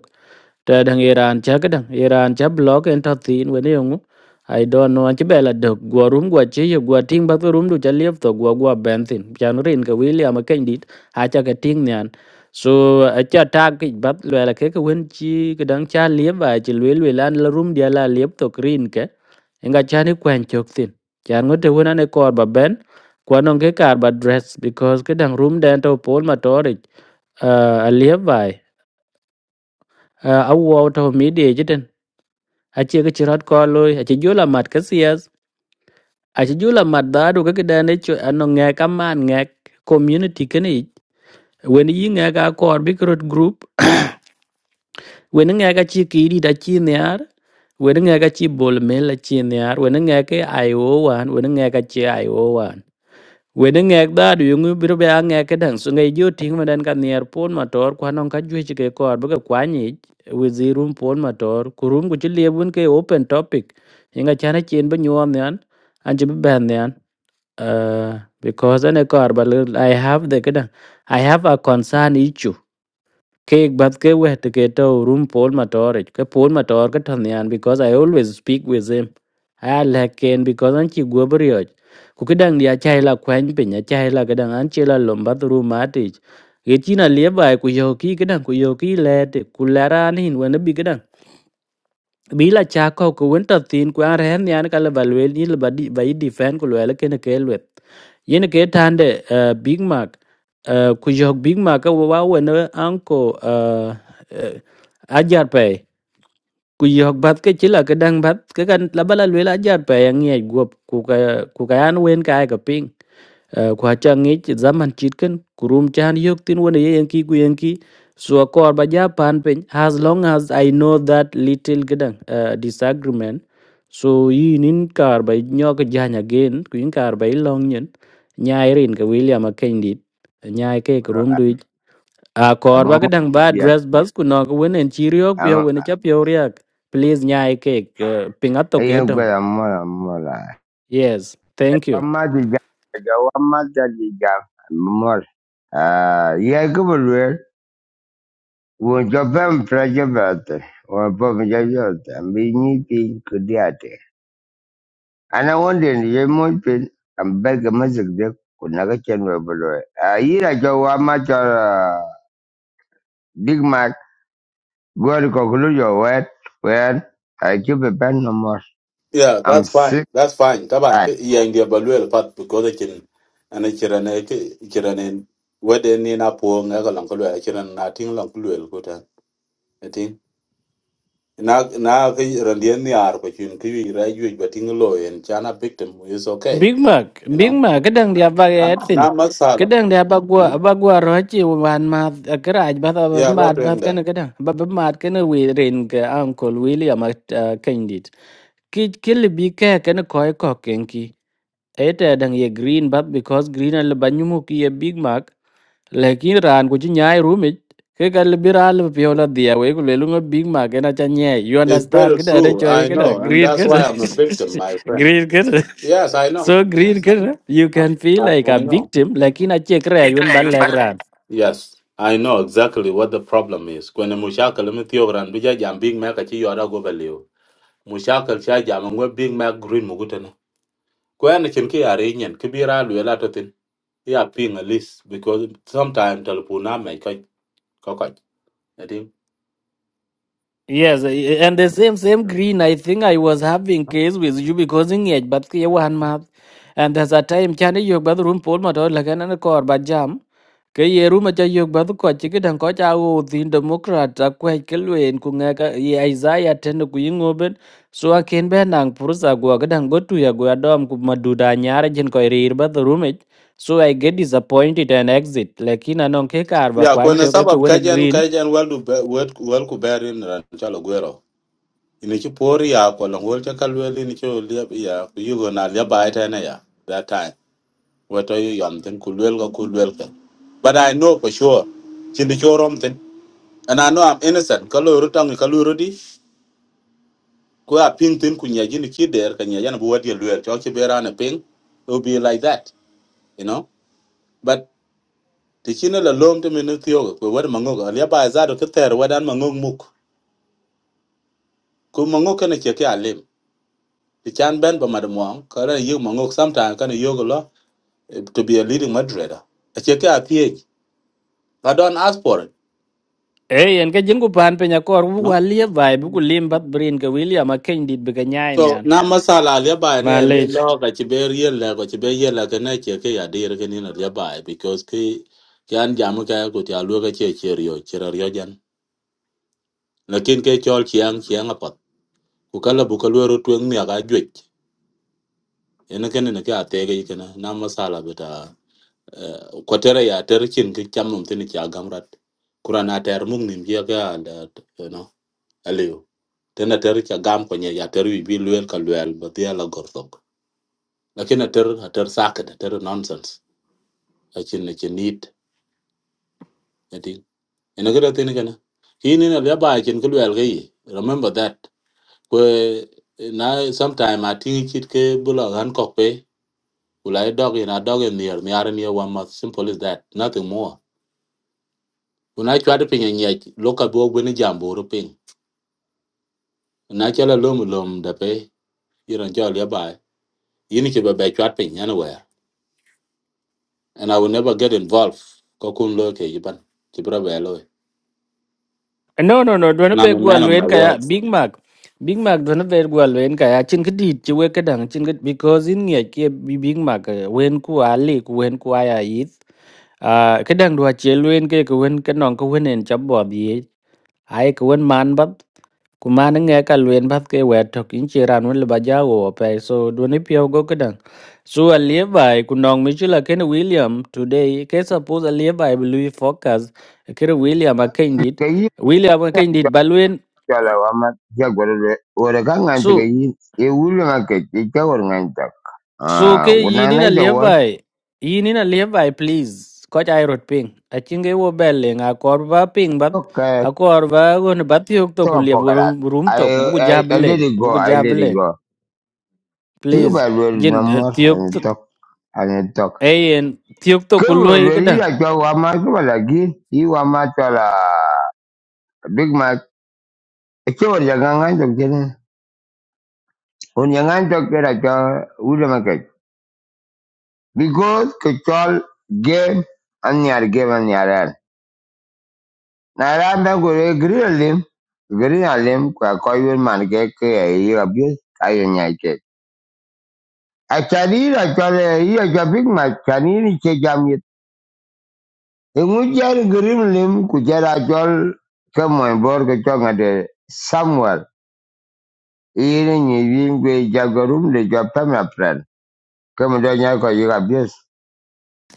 Speaker 2: ta dang iran cha ka dang iran cha block en ta tin we ne yong i don't know anchi bela dog go rum go che yo go ting ba rum du cha liep to go go ben tin chan rin ka william ka dit a cha ka ting nyan so a cha ta ki bat le la ke ka wen chi ka dang cha liep ba chi lwe lwe lan la rum dia la liep to green ke enga cha ni kwen chok tin chan ngo te wona ne kor ba ben kwa nong ke kar ba dress because ka dang rum den to pol ma torich a liep bai a wo to mi de achi ki chirat ko loy achi jula mat ka siyas achi jula mat dadu ka kidane cho ano ngek aman ngek community kene ich wen yi ngek a kor bi krot group wen ngek achi ki ri da chi niar wen ngek achi bol mel achi niar wen ngek ai o wan wen ngek achi ai o wan wede ngek da du yungu biro be ange ke dang so ngai jo ting ma dan kan yer pon ma tor kwa non ka ju chi ke kor bu ka kwa ni wizirum pon ma tor kurum ku chi lebun ke open topic inga chana chen ba nyom nyan an chi ben nyan uh, because ane kor ba lil- i have the kedang i have a concern issue ke bat ke we te ke to get room Paul Mator ke Paul Mator ke tan yan because I always speak with him I like him because an chi go brio ku ke dang dia chai la kwan pe nya chai la ke dang an chi la lom bat room ati ye chi na le bai ku yo ki ke dang ku yo ki le te ku la ra ni hin wen bi ke dang bi la cha ko ku wen ta tin ku an ren yan ka la balwe ni la ba di ba defend ku le ke ne ke yin ke tande uh, big mac uh, ku jog big mac ka wa wen anko uh, uh, ajar pe ku jog bat ke chila ke dang bat ke kan la bala lwela ajar pe yang ye gop ku ka ku ka an wen ka ai ka ping kwa cha ngich zaman chitken kurum chan yok tin wona ye yanki ku yanki so kor ba ja pan pen as long as i know that little gedang uh, disagreement so yin in kar ba nyok janya again ku in kar ba long nyen nyai rin ka william akendit nyai ke
Speaker 1: Baru
Speaker 2: kurum du a kor
Speaker 1: amam
Speaker 2: ba gedang ba
Speaker 1: biat,
Speaker 2: dress bus ku nok wen en chiriok pyo
Speaker 1: am
Speaker 2: wen cha pyo riak please nyai ke uh, pingato ke
Speaker 1: ayam aku
Speaker 2: dong
Speaker 1: amal amal lah.
Speaker 2: yes thank you
Speaker 1: Amma juga, jawab amma juga amal. Ah, ya aku berluar. Wajah pem pelajar berat, wajah pem pelajar berat. Bini pin kudiat. Ana wanda ye mun fin an belga mazik de kunaga chen we bulo. A yira jo wa ma jo ah, Big Mac go to conclude your word when I keep a band no more.
Speaker 4: Yeah,
Speaker 1: I'm
Speaker 4: that's fine.
Speaker 1: sick.
Speaker 4: That's fine.
Speaker 1: I
Speaker 4: Taban iya india balwel pat because kin ana kirane kirane wede ni na po nga ga lan kulwel kiran na tin lan kulwel ko ta. na na ka randian ni ar ko chin ki wi ra yu ba ting lo en chana victim is okay
Speaker 2: Big Mac,
Speaker 4: you
Speaker 2: Big
Speaker 4: know
Speaker 2: Mac, kadang dia pakai
Speaker 4: na
Speaker 2: Edson.
Speaker 4: masala
Speaker 2: Kadang dia apa gua
Speaker 4: hmm?
Speaker 2: apa gua roci wan mat keraj bat apa
Speaker 4: yeah lot
Speaker 2: mat bat
Speaker 4: in that
Speaker 2: kan kadang apa apa mat kan we rain ke Uncle William candidate. Kit kill bi ke kan koi ko kenki. Eta dang ye green bat because green al banyumu ki ye Big Mac lakin ran ku ci nyaay rumit ke gal bi ral bi wala dia we ku lelu nga big ma gena cha nyaay you
Speaker 4: it's
Speaker 2: understand
Speaker 4: very
Speaker 2: ke da
Speaker 4: true
Speaker 2: choy
Speaker 4: i
Speaker 2: ke da
Speaker 4: know and
Speaker 2: green
Speaker 4: that's
Speaker 2: ke
Speaker 4: why i'm a victim my friend
Speaker 2: green ke
Speaker 4: yes i know
Speaker 2: so green ke you
Speaker 4: i,
Speaker 2: can feel
Speaker 4: I,
Speaker 2: like a
Speaker 4: I know
Speaker 2: victim lakin a che kra yun bal lag ran
Speaker 4: yes I know exactly what the problem is. When a mushakal mithiogran bija jam big mac achi yora go value. Mushakal cha jam ngwe big mac green mugutana. Kwa na chin ki are nyen kibira lwela Yeah, ping at least because sometimes telephone na me kai kai I think.
Speaker 2: yes eh, and the same same green i think i was having case with you because in age but ke wan ma and there's a time chani yo bad room pol ma to lagan an kor ba jam ke ye ruma cha yok ba ko chi ke dan ko cha wo tin democrat a ko ke luen ku nga ka ye isaiah ten ku yingo ben so a ken be nang pursa go ga dan go tu ya go dom ku maduda nyar jin ko rir ba the room it. so i get disappointed and exit lekin anon ke kar ba
Speaker 4: Yeah,
Speaker 2: kwan
Speaker 4: kwenye
Speaker 2: cho ke ke
Speaker 4: sababu
Speaker 2: wona
Speaker 4: kajian
Speaker 2: green
Speaker 4: kajian welu welu kuberi na chalo guero. Inichi pori ya kwa langol chaka lweli nichi ulia ya kuyugo na lia baita na ya that time. Weta yu yamten kulwelga kulwelga. But I know for sure. Chindi choromten. And I know I'm innocent. Kalu urutang kalu urudi. Kwa ping tin kunyaji ni kider kanyaji na buwadi ya lwel. Choki bera na ping. It will be like that, you know. But ti chine la lom te mene thiogo kwe wad mangok alia ba azado ke ter wadan mangok muk ku mangok kene che ke alim ti chan ben ba madamuang kare yu mangok sometime kane yogo lo eh, to be a leading moderator a che ke a thiech don't ask for it
Speaker 2: Ê, anh cái ka jin ku pan pe nyakor bu
Speaker 4: no
Speaker 2: wa lie bai bu ku lim bat brin ke William a đi dit cái ka nyai
Speaker 4: so
Speaker 2: man.
Speaker 4: na masala alia ba ne lu
Speaker 2: Malech.
Speaker 4: lo ka che be riel la ko che be yel la kene che ke ya dir ke ni alia ba because ke kyan jamu ka ko ti alu ka che che rio che rio jan lakin ke chol chiang chiang apat ku kala bu ka lu ro tueng mi aga ene kene ne ka tege ikene na masala beta eh, kwatere ya terchin ke chamnum tini cha gamrat kurana ter mung nim ya ga da you know aliyo tena ter cha gam konye ya ter wi bi luel ka luel batia la gortok lakini ter a ter saket a ter nonsense achin ne chin need eti ene gara tini kana hini na ya ba achin ke luel ge remember that Ko na sometime atingi chit ke bula han kokpe Will I dog in a dog in the air, near near one month. Simple as that. Nothing more. When I try to ping and yet look at book when a jambo to ping. And I tell a lum lum the pay, you don't jolly by. You need to be back ping anywhere. And I will never get involved. Kokun loke, you ban. Chibra bello.
Speaker 2: No, no, no. Dwana
Speaker 4: And I'm
Speaker 2: be
Speaker 4: a man of my
Speaker 2: gwalwen kaya
Speaker 4: words.
Speaker 2: Big Mac. Big Mac dwana be gwalwen kaya chin kidi chwe kedang chin kid because in nge ke bi Big Mac eh, wen ku ali ku wen ku aya yith. Ah kedang dwa chelwen ke ku wen ke nong ku wen en chabod ye. Ai ku wen man kumani nghe ka luen bat ke wet to kin chi ran wen le ba ja wo pe so do ni pio go kedang so a lie bai ku nong mi chula ken william today ke suppose a lie bai lui focus ke william a ken dit
Speaker 1: ke yi
Speaker 2: william a ken dit balwen
Speaker 1: jo la wa ma jo go le o re ka ngan te ke
Speaker 2: so
Speaker 1: yi e wulu ngan ke ti ke wor ngan ta.
Speaker 2: so
Speaker 1: Ah,
Speaker 2: ke
Speaker 1: una
Speaker 2: yini na
Speaker 1: na jo
Speaker 2: lie
Speaker 1: wa
Speaker 2: bai yini na lie bai please ko ja rot ping a chinge wo belle nga kor ba ping bat
Speaker 1: to ke
Speaker 2: a kor ba gon bat yok to
Speaker 1: to
Speaker 2: ku
Speaker 1: ka
Speaker 2: lie
Speaker 1: po
Speaker 2: room to ku bu ja
Speaker 1: I, I I let
Speaker 2: beleng
Speaker 1: it go.
Speaker 2: ku bu
Speaker 1: I
Speaker 2: ja
Speaker 1: let it
Speaker 2: beleng
Speaker 1: go. Keep
Speaker 2: please
Speaker 1: about it no
Speaker 2: jin
Speaker 1: more
Speaker 2: tiok
Speaker 1: and talk and talk.
Speaker 2: Ayen tiok to kulo e
Speaker 1: Kewele
Speaker 2: kadang.
Speaker 1: ila kwa ma kwa lagi i wama ma la big Mac. Echo ya gangan to kene. Un ya gangan to kera kwa ule market. Because control game and yar game and yar. Na randa gore grill lim grill lim kwa kwa yun man ke ke i wa bius ayo nyai ke. Achari la kwa le i wa big Mac chani ni che jamit. Engu jar grill lim kujara kwa kemo bor ke chwa ngade de iri nyi yingwe jagorum de japa my friend do nya ko yiga bis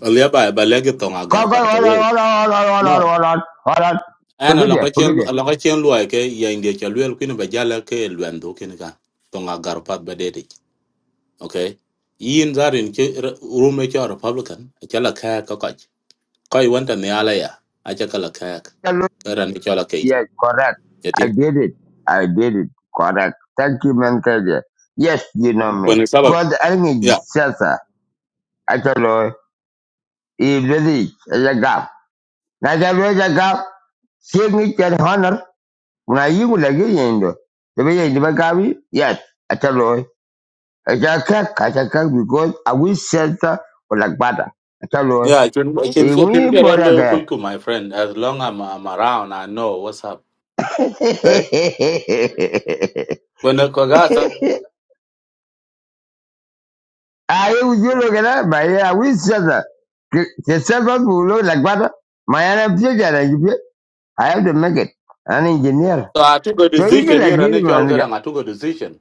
Speaker 4: A by by legathon
Speaker 1: ko
Speaker 4: agar
Speaker 1: ko
Speaker 4: by the
Speaker 1: hold on
Speaker 4: way.
Speaker 1: hold on hold on hold on
Speaker 4: No.
Speaker 1: hold on hold on
Speaker 4: And
Speaker 1: forget
Speaker 4: along
Speaker 1: it
Speaker 4: a chain
Speaker 1: forget it
Speaker 4: along a chain like a yang de chaluel queen by jala ke luendo kinka. Tonga garpat by okay yin zarin ke rume ke republican ke la kaya ka kwaj kai wanta ne ala ya a ke kala kaya
Speaker 1: Hello.
Speaker 4: ran ke la kai
Speaker 1: yes correct
Speaker 4: ya
Speaker 1: i
Speaker 4: ti
Speaker 1: did it i did it correct thank you man kaje yes you know me
Speaker 4: wani sabab
Speaker 1: god ani
Speaker 4: ya
Speaker 1: sasa atalo i bedi ya gap na ja ya gap sing it honor na yingu la ge yendo de be yindi ba gawi yes atalo Echaka kachaka because I will shelter for like butter. Achalo.
Speaker 4: ya kin can kin
Speaker 1: Iwi
Speaker 4: ke ran lo
Speaker 1: boraka.
Speaker 4: kuy ku my friend as long i'm, I'm around i know what's up okay when ko ga so
Speaker 1: Aye ujulo kena maya I will shelter. The shelter below like butter. My energy jara jibe. I have to make it. An engineer.
Speaker 4: I took a
Speaker 1: So you can
Speaker 4: decision ni
Speaker 1: like
Speaker 4: ran
Speaker 1: give
Speaker 4: ke al
Speaker 1: man.
Speaker 4: ga I took a decision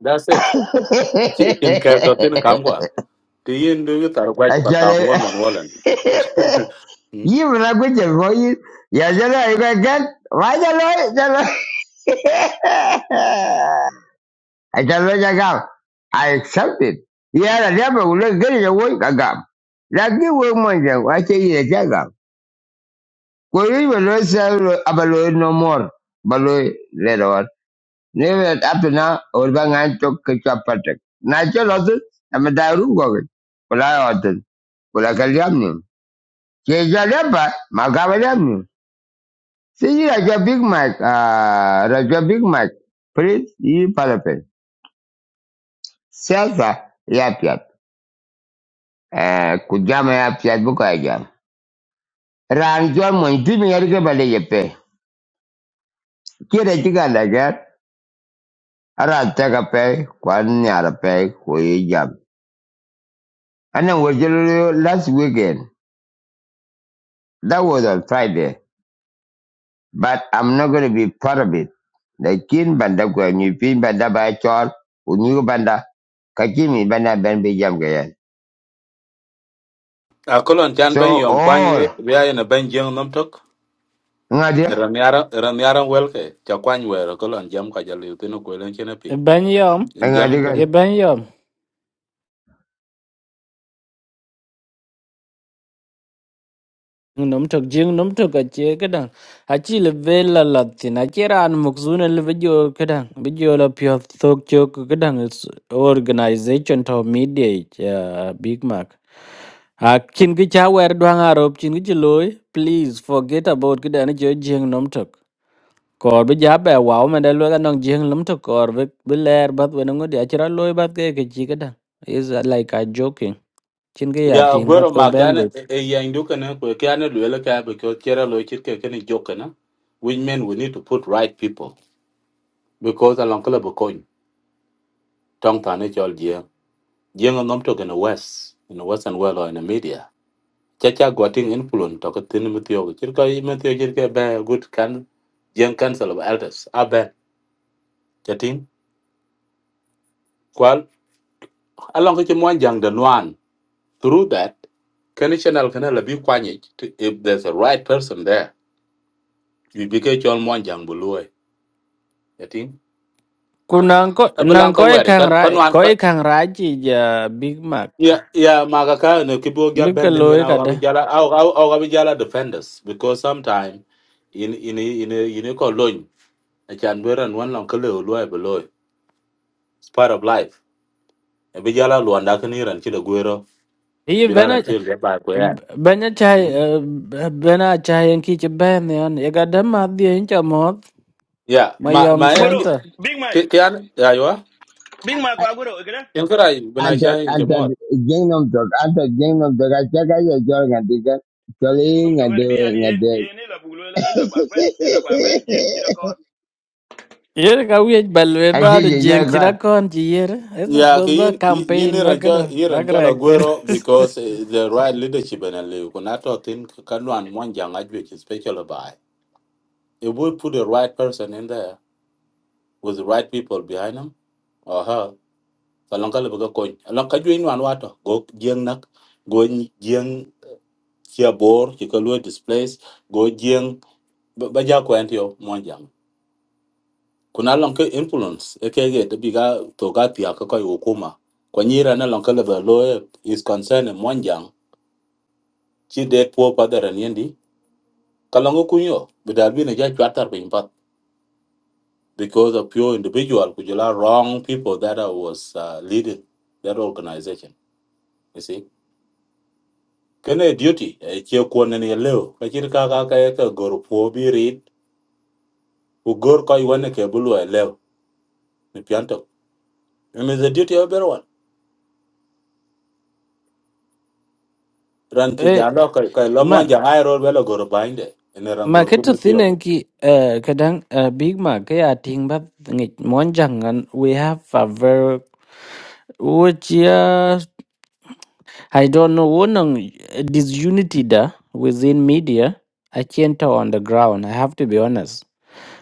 Speaker 4: that's it chi kin ka ka tin kam gwa ti yin du tar kwaj pa kam won man
Speaker 1: Achalo.
Speaker 4: wolan
Speaker 1: You will not go to for you. Ya jala you can get. Why jala jala. I tell you, I got, I accept it. Yeah, I never will look good in the work I got. Like you work more than I tell you, I got. Could you even lose about no more? But later on. Never up to now, or bang I took a chop protect. Natural author, I'm a dialogue of it. But I author, but I can jam him. Change your leper, my government. See, you like your big mic, uh, like your big mic. Please, you palapin. Self, yeah, eh, ku ya piat bu jam ran jor mon tu mi yar ke bale ye pe ke re ti ka la ga ara ta ka pe kwa ni ara pe ko ye jam and then we just last weekend that was on friday but i'm not going to be part of it the kin banda ko ni pin banda ba chol ku ni ko banda ka banda ben be jam ga
Speaker 4: a kolon chan ben
Speaker 1: so
Speaker 4: yom kwan
Speaker 1: all
Speaker 4: ye bia yen ben jeng nom tok
Speaker 1: ngadi
Speaker 4: ran yara ran yara welke cha kwan wero kolon jam ka jali tino ko len chen
Speaker 2: E
Speaker 4: ping
Speaker 2: ban yom,
Speaker 4: in jam
Speaker 1: ngadi kan
Speaker 2: e
Speaker 4: ping
Speaker 2: ban yom. Nom tok jing nom tok a che kadang. A chi le vela latin. A che ran mukzun le video kadang. Video la pyo tok chok kadang is organization to mediate uh, Big Mac. A kin ki cha wer dwang arop chin ki loy. Please forget about kadang jo jing nom tok. Kor bi ja be wow men da lo ga nong jing nom tok kor bi bi ler bat we nong di a chira loy bat ke ke chi kadang. Is uh, like a joking. chin ke ya
Speaker 4: ya
Speaker 2: ting
Speaker 4: gwero
Speaker 2: pat ko
Speaker 4: ma
Speaker 2: ben
Speaker 4: kan
Speaker 2: bit
Speaker 4: e yen du kan ko kan lwele ka be ko kera lo chit ke ken jokana which men we need to put right people because along kala be coin tong ta ne chol jeng jeng nom tok in the west in the western world or in the media cha cha gwatin influence to ko tin mutio chit ko mutio chit ke be good kan jeng council of elders abe chatin kwal along ke mo jang de nuan through that can channel can la bi kwanye if there's a right person there you be ke chon mo jang buloi chatin
Speaker 2: ku nang ko
Speaker 4: abelang
Speaker 2: nang
Speaker 4: ka
Speaker 2: ko e
Speaker 4: wari
Speaker 2: kang
Speaker 4: kan
Speaker 2: ra
Speaker 4: kan wan
Speaker 2: ko
Speaker 4: ka
Speaker 2: e kang ra chi ja big mac
Speaker 4: ya ya maga ka ne kibo ga
Speaker 2: big ka
Speaker 4: bendin
Speaker 2: loy
Speaker 4: gana
Speaker 2: ka
Speaker 4: au
Speaker 2: da
Speaker 4: ga jala au au au ga jala defenders because sometimes, in in in in ko loin a chan beran wan long ka le loi buloi it's part of life e be jala luanda kan iran chi de guero
Speaker 2: yi
Speaker 4: jula
Speaker 2: bena
Speaker 4: ran chi le ba ko yan
Speaker 2: bena chai
Speaker 4: Hmm?
Speaker 2: bena chai en ki che ben yon e ga da ma di en cha mo
Speaker 4: Yeah,
Speaker 2: ma
Speaker 4: my
Speaker 2: yom
Speaker 4: my
Speaker 5: Guro,
Speaker 2: center
Speaker 5: Big Mac,
Speaker 4: Ki kian aywa.
Speaker 5: Big Mac ko Guro, ikira?
Speaker 4: In karai
Speaker 1: Anda
Speaker 4: benaicha in
Speaker 1: anda
Speaker 4: jamot.
Speaker 1: gainom dog anda gainom dog ajaga ya jor ngadi kan
Speaker 5: Kan
Speaker 1: kali
Speaker 5: jeng nom to gan
Speaker 1: ngade
Speaker 5: bi ani en
Speaker 1: ngade
Speaker 5: en ila bulo ila bagben ila bagben jeng chira kon.
Speaker 2: yer ka wi balwe da
Speaker 1: aje
Speaker 5: Baka
Speaker 2: de
Speaker 1: ya ya
Speaker 2: jeng chi
Speaker 1: kan
Speaker 2: ra kon chi yer e
Speaker 4: Yeah,
Speaker 2: suppose ba
Speaker 4: okay, you you
Speaker 2: campaign ba
Speaker 4: need
Speaker 2: ka da
Speaker 4: to you
Speaker 2: ba
Speaker 4: need
Speaker 2: ka
Speaker 4: to
Speaker 2: rek tir
Speaker 4: Aguero because eh, the right leadership and you can not think can one one young which is special by. If we put the right person in there with the right people behind him or her, kalangkal baga coin. Alangkal you in one water go jeng nak go jeng chia bor chikalu displace go jeng baja ko antio kuna long influence e ke ge biga to ga pia ka ko hukuma kwa nyira na long ka le lo e is concern monjang chi de po pa da ran yendi ka long ku bi ne ja chatar bi impat because of pure individual ku wrong people that I was uh, leading that organization you see kene duty e che ko ne ne leo ka chir ka ka ka ka gor po bi rit u gor ko i ke bulu e leo ni pianto it is a duty of everyone ran ci
Speaker 2: e
Speaker 4: jalo ka ka lo mon ja ai ro velo gor bainde ene ran
Speaker 2: mà
Speaker 4: gor
Speaker 2: cái
Speaker 4: ko
Speaker 2: thứ
Speaker 4: mi
Speaker 2: tế
Speaker 4: tiyo
Speaker 2: này
Speaker 4: go.
Speaker 2: ki uh, cái đang uh, big mà cái à tiếng bắp nghịch món chẳng ngắn we have a very which uh, I don't know one on disunity da within media I can't tell on the ground I have to be honest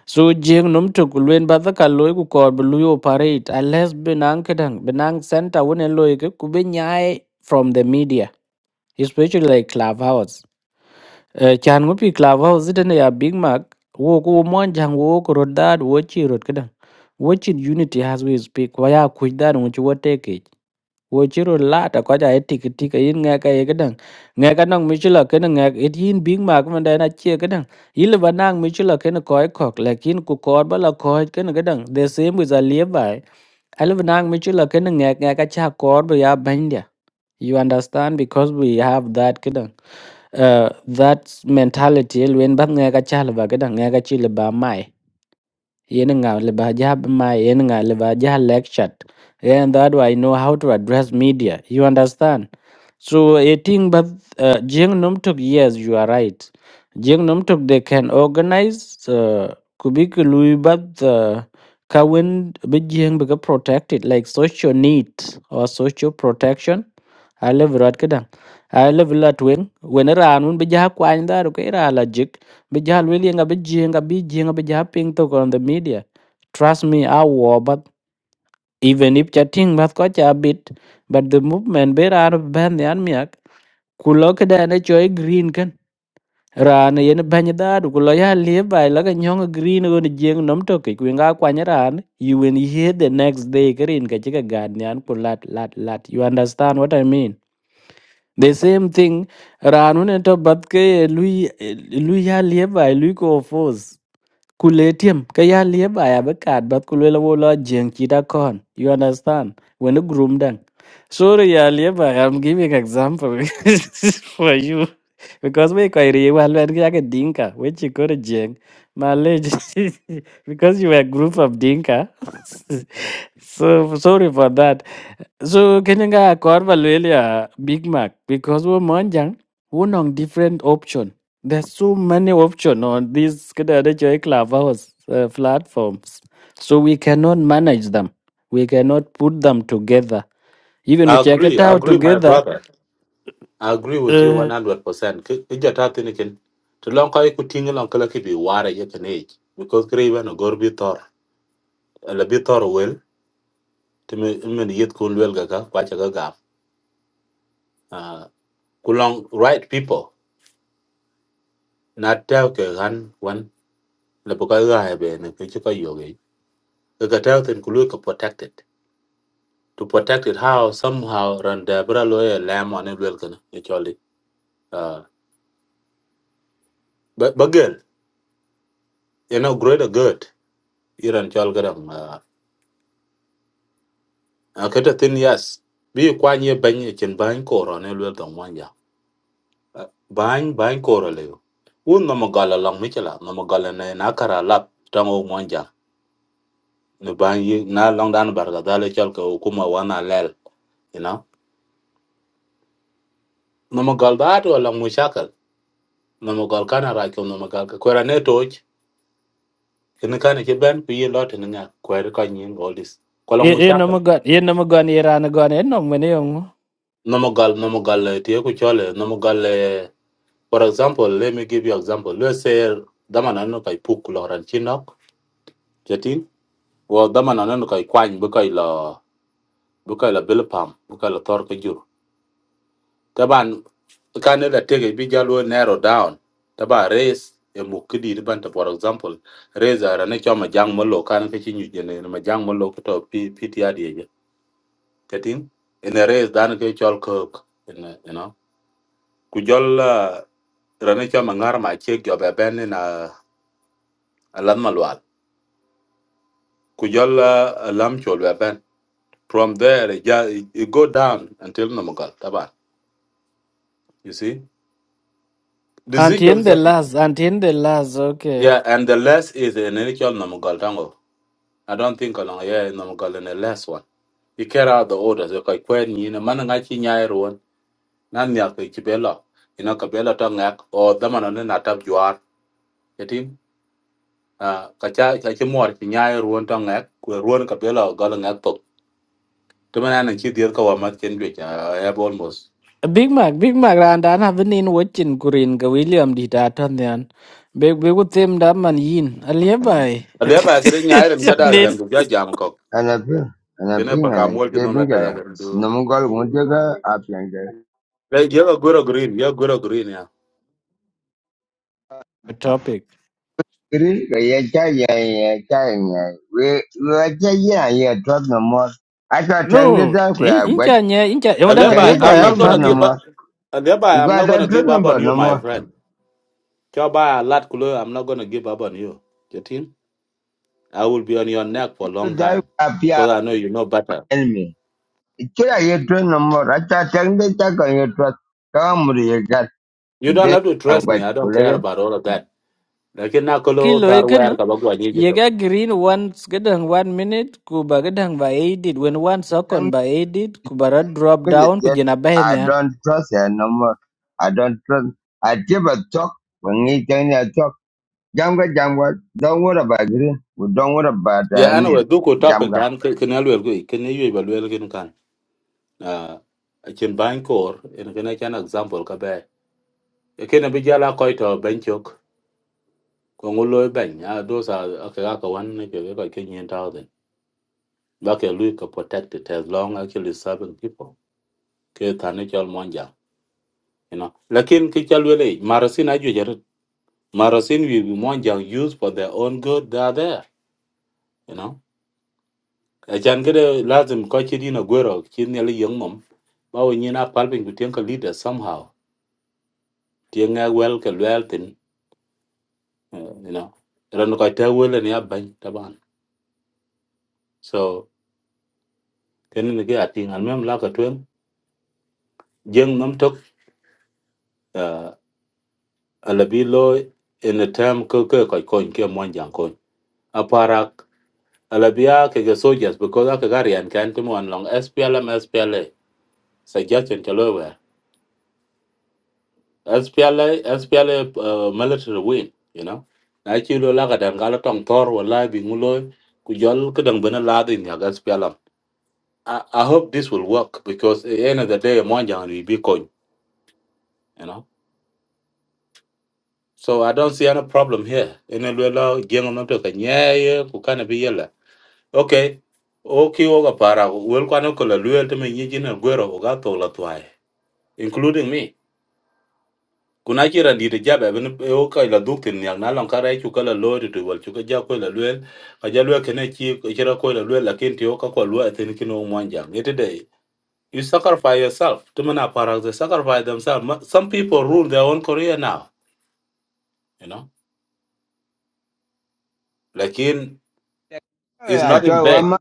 Speaker 2: so jeng num to kulwen ba ka loy ku kor bu luyo parade unless benang kedang benang center one loy ku be nyai from the media especially like clubhouse Eh, chan ŋo pi clubhouse tene ya Big Mac wo ko wo mwan jaŋ wo ko rot dad wo chi rot kedaŋ wo chi unity has we speak wa ya kuj dad ŋo chi wo teke wo chi rot lata ko ja etik tik yin ŋe ka ye kedaŋ ŋe ka nong mi chi lo kene ŋe it yin Big Mac man da na chi kedaŋ yil ba nang mi chi lo kene ko e kok lakin ku kor ba la ko kene kedaŋ the same with a levi al ba nang mi chi lo kene ŋe ŋe ka cha kor ba ya banya You understand? Because we have that kidang. Uh, that mentality when bắt nghe cái cha là bà cái đằng nghe cái chi là bà mai yên ngà là bà gia mai yên ngà là bà gia lecture and that way I know how to address media you understand so I think but uh, jing num tuk yes you are right jing num tuk they can organize uh, kubik lui but uh, kawin bi jing bi protected like social need or social protection a level rat kedang a level lat wen wen ran un bija kwa nda ro ke ra la jik bija lweli nga bija nga bija nga bija ping to on the media trust me i war but even if chatting but ko cha bit but the movement be ran ban yan miak kulo ke da ne choi green kan ra ran yen ban da ru kulo ya le bai la ga nyong green go ni jeng nom to ke kwinga kwa nya ran you when you hear the next day green ka chika gad nyan kulat lat lat you understand what i mean The same thing, ranun to batke lui lui ya lieba lui ko force. Kuletium ka ya lieba ya bekat bat kulela wola jeng kita kon. You understand? When a groom dang. Sorry ya lieba, I'm giving example for you because we kwa iri wa lwen ki yake dinka we chikore jeng. Malej because you were a group of dinka. so sorry for that. So kenya nga kor valuelia Big Mac because we monjang one on different option. There's so many option on these kada da joy clubhouse uh, platforms. So we cannot manage them. We cannot put them together. Even we
Speaker 4: I
Speaker 2: check it
Speaker 4: agree I
Speaker 2: out
Speaker 4: agree my
Speaker 2: together.
Speaker 4: brother I agree with you
Speaker 2: Uh,
Speaker 4: 100% ki ki jata tin to lon ka ku ting kala ki bi ware ye age because kre ven gor bi tor la bi tor to me men yet kun wel ga ka kwa cha ga Ah, ku right people not tell ke han one le bu ka ga ne ki ka yo tell tin ku ka protected to protect it how somehow run the bra lawyer lamb on it will can actually uh but but girl, you know greater good you run chol gadam uh okay the thing yes be kwan ye ban ye chen ban ko ron it will don one ya ban ban ko ro le un no magala long michela no magala ne na kara lap tango monja ne ban ye na long dan barga dale chol ko kuma wana lel you know no magal da to long mushakal no magal kana ra ko no magal ko ra ne toj kene kana ke ben ku ye lot ni nga ko er ka nyin all this ko long mu
Speaker 2: Eh? no
Speaker 4: shaka
Speaker 2: magon Eh? no magon ye ranagon Eh? no mene yong.
Speaker 4: no mo gal no mo gal eh, ku chole no mo gal eh, for example let me give you example let's say dama na no kai puk lo ran chinok jetin wo dama na no kai kwany bu kai lo bu kai lo bilpam bu kai lo tor ka jur taban kana da tege bi jalo narrow down taba race e mu kidi di banta for example race ara ne choma jang mo lo kana ke chinyu jene ma jang mo lo ko to pti getting in a race than ke chol cook in you know ku jol uh, rane cho mangar ma che gyo be ben in a alam malwal ku jol uh, alam chol be ben from there it, ja- it it go down until namagal taban you see
Speaker 2: Until
Speaker 4: decision
Speaker 2: the
Speaker 4: ka-
Speaker 2: last, until the last, okay.
Speaker 4: yeah and the less is in any chol namagal tango i don't think along yeah namagal in the last one you carry out the orders you kai kwen ni na man nga chi nyai ruon nan nya ke chibelo ina kabela to ngak o damana na tap juar Ah, ka cha ka chi mor chi nyai ruon to ngak ku ruon ka pelo gol ngak to to mana nan chi dir ka wa mat chen gwe cha ya bol mos
Speaker 2: Big Mac, Big Mac randa na vinin watching green ka William di tatan yan. Big Big with them da man yin. Aliya bay.
Speaker 4: ale ba ke nyai ren ka da jan
Speaker 2: Chanil.
Speaker 4: bu ja jam ko
Speaker 1: anapi anapi
Speaker 4: kene pa ka
Speaker 1: ngane
Speaker 4: mol chi nom
Speaker 1: kebin
Speaker 4: la ta
Speaker 1: kala
Speaker 4: ga du
Speaker 1: nomu gal ngunde ka apyanga
Speaker 4: le je ga green ye goro green ya
Speaker 2: Topic.
Speaker 1: green ka ya cha ya ya cha ya we we aja ya ya tot no more I'm aja tangde
Speaker 2: No,
Speaker 1: da ku
Speaker 2: in-
Speaker 1: ya gwa
Speaker 2: incha nya incha yung
Speaker 4: ale
Speaker 2: dang
Speaker 4: ba
Speaker 1: tangde
Speaker 2: aliya
Speaker 1: ja
Speaker 4: i'm
Speaker 2: bay
Speaker 1: ya
Speaker 2: ano
Speaker 4: not
Speaker 1: tot
Speaker 4: gonna
Speaker 1: no
Speaker 4: give
Speaker 2: mado.
Speaker 4: up
Speaker 1: more
Speaker 4: ale ba i'm
Speaker 1: gwa
Speaker 4: not
Speaker 1: da
Speaker 4: gonna
Speaker 1: tot
Speaker 4: give
Speaker 1: no
Speaker 4: up on
Speaker 1: more
Speaker 4: you
Speaker 1: no
Speaker 4: my
Speaker 1: more
Speaker 4: friend cho ba lat kulo i'm not gonna give up on you jetin i will be on your neck for a long
Speaker 1: da
Speaker 4: time
Speaker 1: apya
Speaker 4: because i know you know better
Speaker 1: enemy Kila yetu nomor acha tende cha kwa yetu kamuri yegat
Speaker 4: you don't
Speaker 1: kiden
Speaker 4: have to trust me
Speaker 1: kangwat
Speaker 4: i don't care
Speaker 1: kulegat.
Speaker 4: about all of that lakin na kolo
Speaker 2: Kilo
Speaker 4: tar wer
Speaker 2: ikan
Speaker 4: ka bagwa ni jito
Speaker 2: Yega green once gadang one minute kuba gadang ba edit when one second
Speaker 1: Young
Speaker 2: ba edit kubara drop
Speaker 1: people
Speaker 2: down
Speaker 1: yet
Speaker 2: kujina bay
Speaker 1: I
Speaker 2: niyan.
Speaker 1: don't trust her no more. I don't trust. I give a talk when he tell me a talk. Jamga jamga don't worry about green. We don't worry about uh,
Speaker 4: ya ana
Speaker 1: need
Speaker 4: we duko topic
Speaker 1: jamga.
Speaker 4: dan ke kenal wer go kenal yu ba wer kin kan ah chen ban kor en kana chan example ka be E ken bi jala ko to ben chok ko ngulo ben ya do sa ka ga ka wan ne ke ga ken yin ta den ba ke lu ka protect it as long as you serving people ke tane chal monja you know lakin ke chal wele marasin aju jar marasin we monja use for their own good they are there you know achan kede lazim ko chi dino gwero chi ne le yong mom ba wo nyina palpin ku tienka leader somehow tienga wel ke wel tin eh, you know ran ko ta wel ne aban taban so ken ne ge atin al mem la ka twen jeng nom tok eh, alabi lo in a term ko ko ko ko ke mon jang ko aparak alabia ke ge soldiers because aka garian kan timo an long splm spla suggestion to lower SPLA, SPLA uh, military win, you know. Na chi lo la ka dan tong tor wala bi ngulo ku jol bena la din ya gas pialam. I, I hope this will work because at the end of the day mo jang ri bi you know. So I don't see any problem here. In a lo jeng no to ka nye ku Okay. Okay, oga para wel kwa no ko la luel te me nyi jina gwero oga to la twai including me. kuna ci randi jabe ben o ka la duk tin na lon kara chu kala lo tu wal chu ka ja ko la lwel ka ja lwel kene ci ci ko la lwel lakin ti o ka ko lwa tin kin o mwan jang you sacrifice yourself to mana para they sacrifice themselves Ma- some people rule their own career now you know lakin
Speaker 1: Hey,
Speaker 4: it's
Speaker 1: I
Speaker 4: not in
Speaker 1: tell you,
Speaker 4: vain
Speaker 1: I'm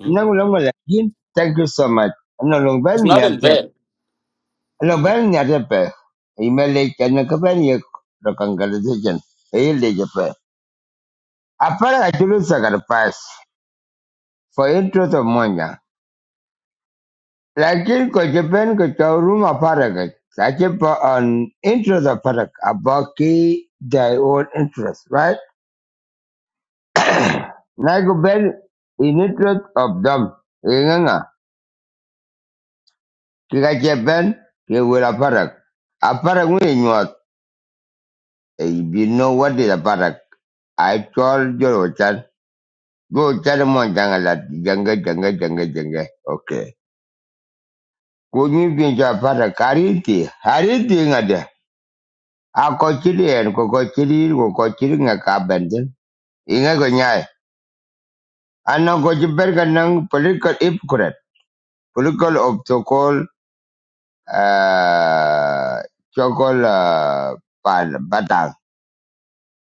Speaker 4: hmm?
Speaker 1: no longer like Thank you so much. No longer
Speaker 4: it's not
Speaker 1: near
Speaker 4: in
Speaker 1: them.
Speaker 4: vain
Speaker 1: No
Speaker 4: you know
Speaker 1: longer near the pair. Email it and a company of congratulations. Hey, lady. apara kachilusa karpasi for intruth of moja lakini kochepenko cha huruma paragat achipo on interest of parak abaki their own interest right naikuben in interest of them inganga kikachepen kiwira parak aparak nginyuat you know what is aparak I told you chan go chan mon jangalat janga janga janga janga okay kunyi pinja parak hariti hariti ngade. a ko en ko ko ko ko nga ka benden inga go nyai ano ko jiber ga nang political hypocrite political of so called uh chokol uh, pan batang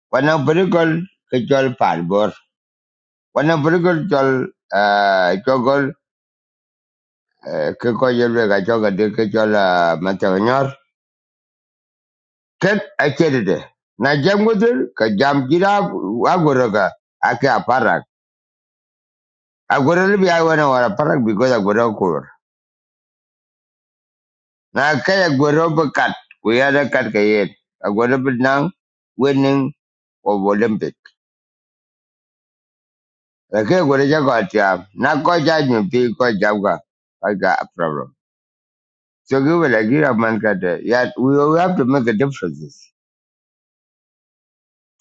Speaker 1: wana political ke chol pan bor wana political chol uh chokol uh, ke ko yelwe ga choga de ke chol uh, matangor ket a de na jam gudur ka jam jira agoroga ake apara Aguero bi ai wana wara parak because aguero kur. Na kaya aguero bi kat ku ya da kat ka yen. Aguero bi nang winning of Olympic. La kaya aguero ja ko atia. Na ko ja nyu pi ko ja ga. I got a problem. So give it a give a man kat. eh, Ya we we have to make a differences.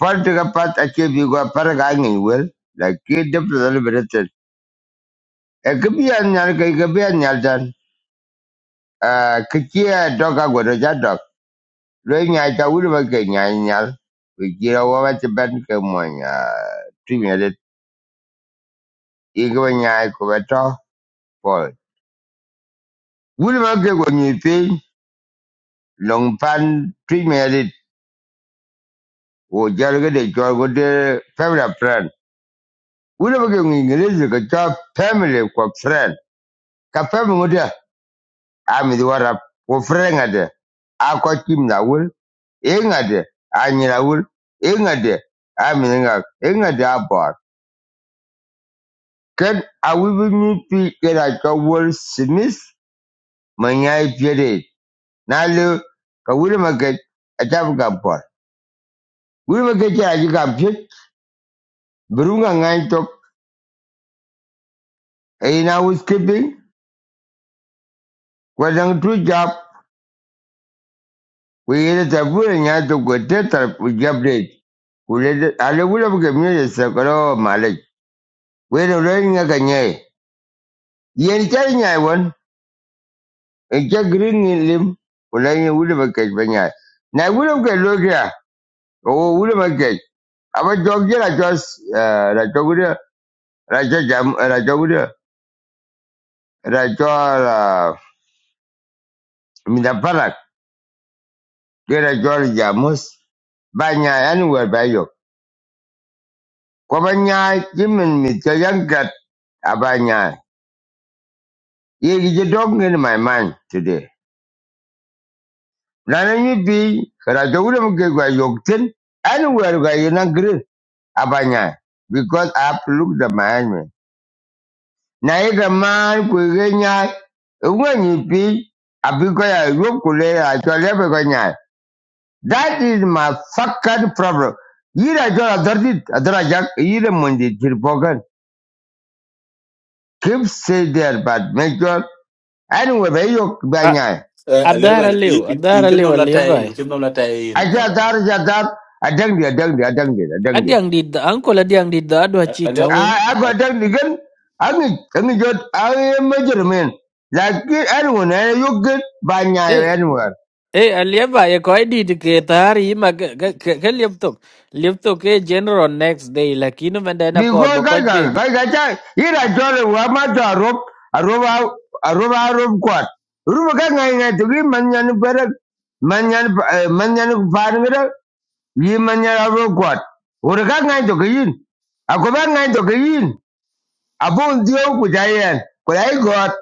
Speaker 1: Part to ga part a ke bi go parak a ngi wel. difference le bi rete. E ke bi an nyal kai ke bi an nyal dan. Ah ke ke dog aguero ja dog. Lwe nyai ta wuri ba ke nyai nyal. Wi jira wa ba ti ben ke mo nya. Tu nya de i ke ba nyai ko ba to pol. Wuri ba ke ko nyi pin long pan tu nya de wo jar ge de jor go de family friend. Wuri ba ke ngi ngi ke cha family ko friend. Ka family mo de a mi di warap ko friend ade. A ko kim na wul. E ngade a nyi na wul. E ngade a mi nga. E ngade a bor. Kat a wuri nyupi yana ka wari Smith manyaifiyere nali ka wuri maket a tafi ka pol. Wuri maket yana ji ka fit birunga ngai tok a yi na skipping kwa dang tu jab ku yi da tabura nya tok ku te tar ku jab de ku le de- a le wuri maket mi da sakaro malik. Wai da rai nga ka nyai. Yen char nyai wan in cha green in lim ku le yi wuri maket ba nyai. Na wuri maket lo kya o wuri maket Ama jogi rajo rajo guda rajo jam rajo guda rajo minaparak ke rajo jamus banya anywhere bayo. Kwa banya jimin mito yankat abanya. Ye gije dog in my mind today. Nana you be rajo guda mke kwa yokten anywhere kwa yunang green abanya. Because I have to look the my na yiga maan kuige nyai iŋwenyi pi abi ko ya yop kule a chwal yabe ko nyai that is my fucking problem yira chwal adhardit adhara jak yira mundi jirpokan keep stay there but make sure anyway be yok ba
Speaker 2: Ah,
Speaker 1: nyai
Speaker 4: uh,
Speaker 2: adara
Speaker 4: eleven in
Speaker 2: leo,
Speaker 4: in in
Speaker 2: adara
Speaker 4: kin
Speaker 2: leo
Speaker 4: nom la
Speaker 2: aliya
Speaker 4: tai in
Speaker 2: bay.
Speaker 4: kin nom Uh, tai in
Speaker 1: acha
Speaker 4: eleven
Speaker 1: dar acha dar adang dia adang dia adang dia adang
Speaker 2: Adi
Speaker 1: dia
Speaker 2: ang dida, angkol adi ang dida adwa
Speaker 4: Uh,
Speaker 2: chita
Speaker 4: eleven
Speaker 1: a
Speaker 2: wo.
Speaker 1: ago adang dia kan angi angi jot angi major men like anyone eh, you get by nyai anywhere
Speaker 2: Eh, aliaba ya kwa ID ke tayari ima ke ke ke ke laptop. Laptop ke general next day lakini menda na kor ba
Speaker 1: Because
Speaker 2: koj
Speaker 1: kacha
Speaker 2: ping.
Speaker 1: kacha ira chole wa mato arop arop au- arop arop kwat. Ruba ka ngai ngai tuki manyan perak manyan eh, manyan parangira yi manyan arop kwat. Ura ka ngai tuki yin. Ako ba ngai tuki yin. Apo ndio kujayan. Kulai got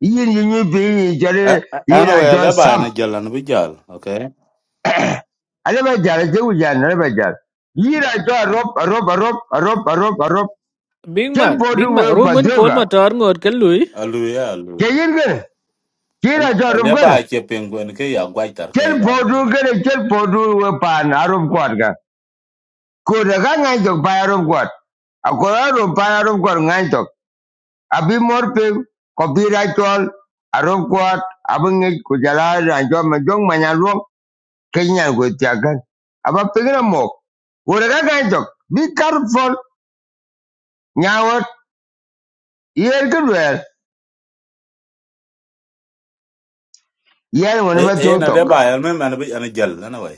Speaker 1: yin yin yi pi yi
Speaker 4: Uh,
Speaker 1: chole
Speaker 4: uh,
Speaker 1: ira
Speaker 4: anyway
Speaker 1: chole
Speaker 4: eleven
Speaker 1: sam.
Speaker 4: na jalan bi jal okay
Speaker 1: Ale ba jala che kujayan ale ba jala. Ira chole arop arop arop arop arop arop.
Speaker 2: Big
Speaker 1: Chen
Speaker 2: Mac, Big
Speaker 1: podu we
Speaker 2: Mac, ru
Speaker 1: pa
Speaker 2: mun pol ma
Speaker 1: dioga.
Speaker 2: tor ngor ke lui.
Speaker 4: alu
Speaker 1: padyoga.
Speaker 4: ya
Speaker 1: Kayin kira
Speaker 4: An-
Speaker 1: cho
Speaker 4: a
Speaker 1: rum
Speaker 4: leba
Speaker 1: gan
Speaker 4: a ke penguin ke ya gwaitar ke
Speaker 1: chen
Speaker 4: ga nan
Speaker 1: podu gan chen podu pan arum kwat ga ko da ga ngai to pa arum kwat Aku ko arum pa arum kwat ngai to abi mor pe ko bi ra chol arum kwat abang ngai ko jala ra jo ma jong ma nya luong ke nya go tia gan aba pe mo ko da ngai to be careful Nyawat. wat yer ga wer yer won
Speaker 4: eh
Speaker 1: ma
Speaker 4: eh
Speaker 1: to
Speaker 4: na
Speaker 1: to
Speaker 4: leba ya men man bi an gel na wai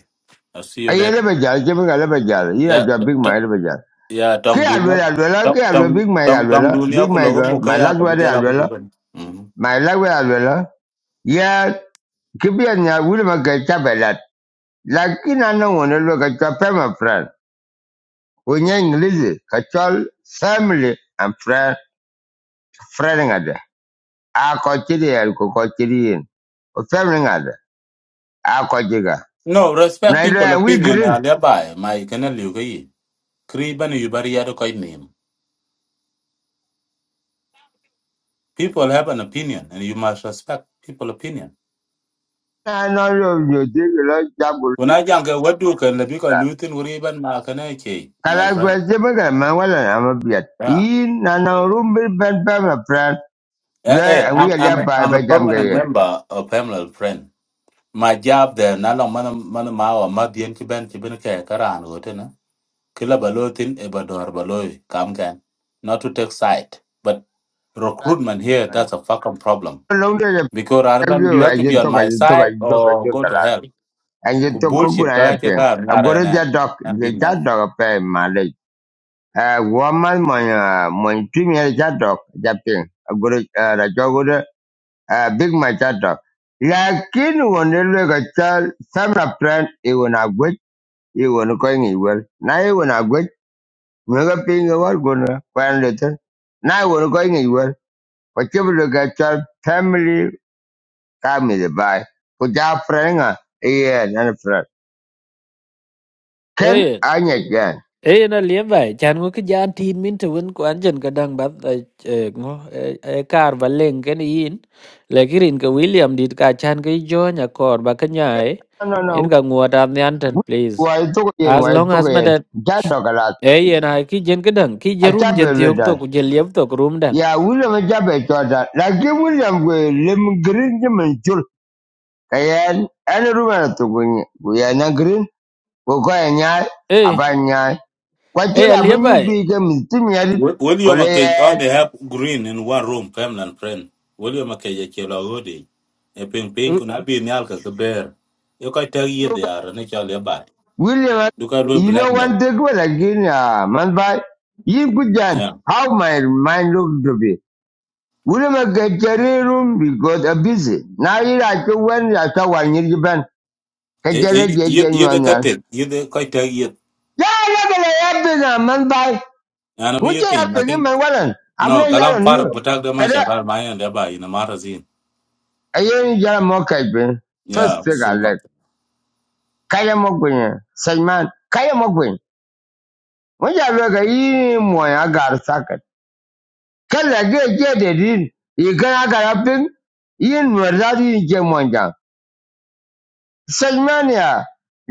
Speaker 4: i see you
Speaker 1: a yer
Speaker 4: later
Speaker 1: ba jal je ba ga le ba jal
Speaker 4: ya
Speaker 1: big ma
Speaker 4: t-
Speaker 1: le
Speaker 4: ya tong
Speaker 1: Ke
Speaker 4: dunya
Speaker 1: alwela, alwela,
Speaker 4: tong
Speaker 1: ke
Speaker 4: tong
Speaker 1: alwela, Big Mike
Speaker 4: tong tong
Speaker 1: alwela, Big
Speaker 4: dunya ku
Speaker 1: Mike,
Speaker 4: logo
Speaker 1: uh,
Speaker 4: mu ka
Speaker 1: my
Speaker 4: ya
Speaker 1: last
Speaker 4: ka bi
Speaker 1: word
Speaker 4: jala ku
Speaker 1: alwela,
Speaker 4: dukan Mhm.
Speaker 1: my last word alwela. Yeah, kibia nya wuli ma ke Lakini ana wona lo ka chape my friend. Unya English, ka chol family and friend, friend ngada. A ko chiri el ko ko chiri yin. O family ngada. A ko jiga.
Speaker 4: no respect
Speaker 1: Na lo
Speaker 4: people
Speaker 1: ya wi
Speaker 4: opinion ya
Speaker 1: green.
Speaker 4: leba my kana liu ga yi kri ban yu bari ya do kai nim people have an opinion and you must respect people opinion
Speaker 1: Na no lo yo dig lo jabul.
Speaker 4: when i jang ga wadu kan labi ka lutin wuri ban ma kana ke my
Speaker 1: Kala gwa
Speaker 4: friend
Speaker 1: jebe ga ma wala na ma biat. na na rumbi ben pe my friend.
Speaker 4: Eh,
Speaker 1: Where
Speaker 4: eh,
Speaker 1: we
Speaker 4: I'm,
Speaker 1: are
Speaker 4: I'm,
Speaker 1: there
Speaker 4: a,
Speaker 1: by
Speaker 4: I'm a
Speaker 1: by jam
Speaker 4: permanent
Speaker 1: gaye.
Speaker 4: member of Pamela's friend. My job there, na long man man mawa madian chiben chiben kaya karan gote na. Kila balotin e bador baloy kam kan. Not to take side, but recruitment here that's a fucking problem.
Speaker 1: Long day the
Speaker 4: Because
Speaker 1: thank
Speaker 4: Arban, you
Speaker 1: you.
Speaker 4: have
Speaker 1: I
Speaker 4: to be
Speaker 1: just
Speaker 4: on
Speaker 1: talk, I
Speaker 4: my
Speaker 1: just talk, I
Speaker 4: side
Speaker 1: just talk, I
Speaker 4: or
Speaker 1: just
Speaker 4: go to
Speaker 1: talk.
Speaker 4: hell.
Speaker 1: I
Speaker 4: Ku
Speaker 1: just talk. How could
Speaker 4: bullshit
Speaker 1: I
Speaker 4: ka
Speaker 1: help
Speaker 4: kaya
Speaker 1: you?
Speaker 4: kaya
Speaker 1: go
Speaker 4: ngara
Speaker 1: to
Speaker 4: na
Speaker 1: that dog.
Speaker 4: and
Speaker 1: The
Speaker 4: be
Speaker 1: dog pay Malay. Uh, woman, my uh, my team dog. That thing. I go to uh, the dog go to uh, big my that dog. Lakini wanele kachal samra plan iwe na gwech iwe na kwa ingi iwe na iwe na gwech mwega pinga wal gona kwa nlete na iwe na kwa ingi Wajibu gatal family kami by Put that friend frenga iya nana friend. Ken
Speaker 2: Eh,
Speaker 1: anya jen.
Speaker 2: eh na aliaba chan ngo ke jan tin min to win kwan jen ka dang bat eh ngo eh kar ba leng ken yin. Lakirin ke William dit ka chan ke jo nya kor ba ka nyai.
Speaker 1: No no no.
Speaker 2: Yen ka nguata nyanten please.
Speaker 1: Why Wai tuku yen
Speaker 2: as
Speaker 1: wai
Speaker 2: long
Speaker 1: tuku
Speaker 2: as mà
Speaker 1: yen.
Speaker 2: đợt
Speaker 1: Jado kalat.
Speaker 2: ấy yên ai khi dân cái đằng khi giờ room dân
Speaker 1: Achabe
Speaker 2: thì học tổ
Speaker 1: ludan.
Speaker 2: cũng dân liếp tổ cũng room đằng
Speaker 1: Ya William achabe chodan. Lagi William gue lim green je muncul. Kayan ane rumah tu gue gue na green. Gue go nyai
Speaker 2: ê
Speaker 1: apa nyai. Kau
Speaker 2: ê à
Speaker 1: cerita apa
Speaker 2: liếp vậy
Speaker 1: nyubi ke mesti nyari.
Speaker 4: Wi- William Akech only
Speaker 1: Kalau
Speaker 4: have green in one room, family and friend. William Akech achiewa hodi. a ping ping
Speaker 2: Ừ,
Speaker 4: kuna bi ni alka ka bear. You can tell ye they are ne chale ba.
Speaker 1: William,
Speaker 4: Du ka do
Speaker 1: you know one
Speaker 4: blackmail.
Speaker 1: thing, well, again, uh, man, by you could then,
Speaker 4: Yeah.
Speaker 1: how my mind looked to be. William, I get a room because I'm busy. Now you like to when I saw one year you been, get
Speaker 4: Eh,
Speaker 1: a
Speaker 4: eh, you e
Speaker 1: genuine
Speaker 4: ye ye de
Speaker 1: one. Yeah,
Speaker 4: kate, ye de ka tell ye.
Speaker 1: I got a happen, uh, man, by
Speaker 4: Ana bi
Speaker 1: which
Speaker 4: ye
Speaker 1: you have
Speaker 4: thing, I
Speaker 1: to give
Speaker 4: think
Speaker 1: my wallet. I'm
Speaker 4: no
Speaker 1: not
Speaker 4: kalam
Speaker 1: yelling
Speaker 4: far
Speaker 1: you.
Speaker 4: butak de ma
Speaker 1: Kada,
Speaker 4: shakal ma yan de ba ina marazin.
Speaker 1: I ain't yelling more caping. First
Speaker 4: Yeah,
Speaker 1: thing I
Speaker 4: summa.
Speaker 1: like, Kaya Mokwin, Simon, Kaya Mokwin. When you look at him, I got a socket. kala ge ge de din i kana karapin yin murda ni ke monja salmania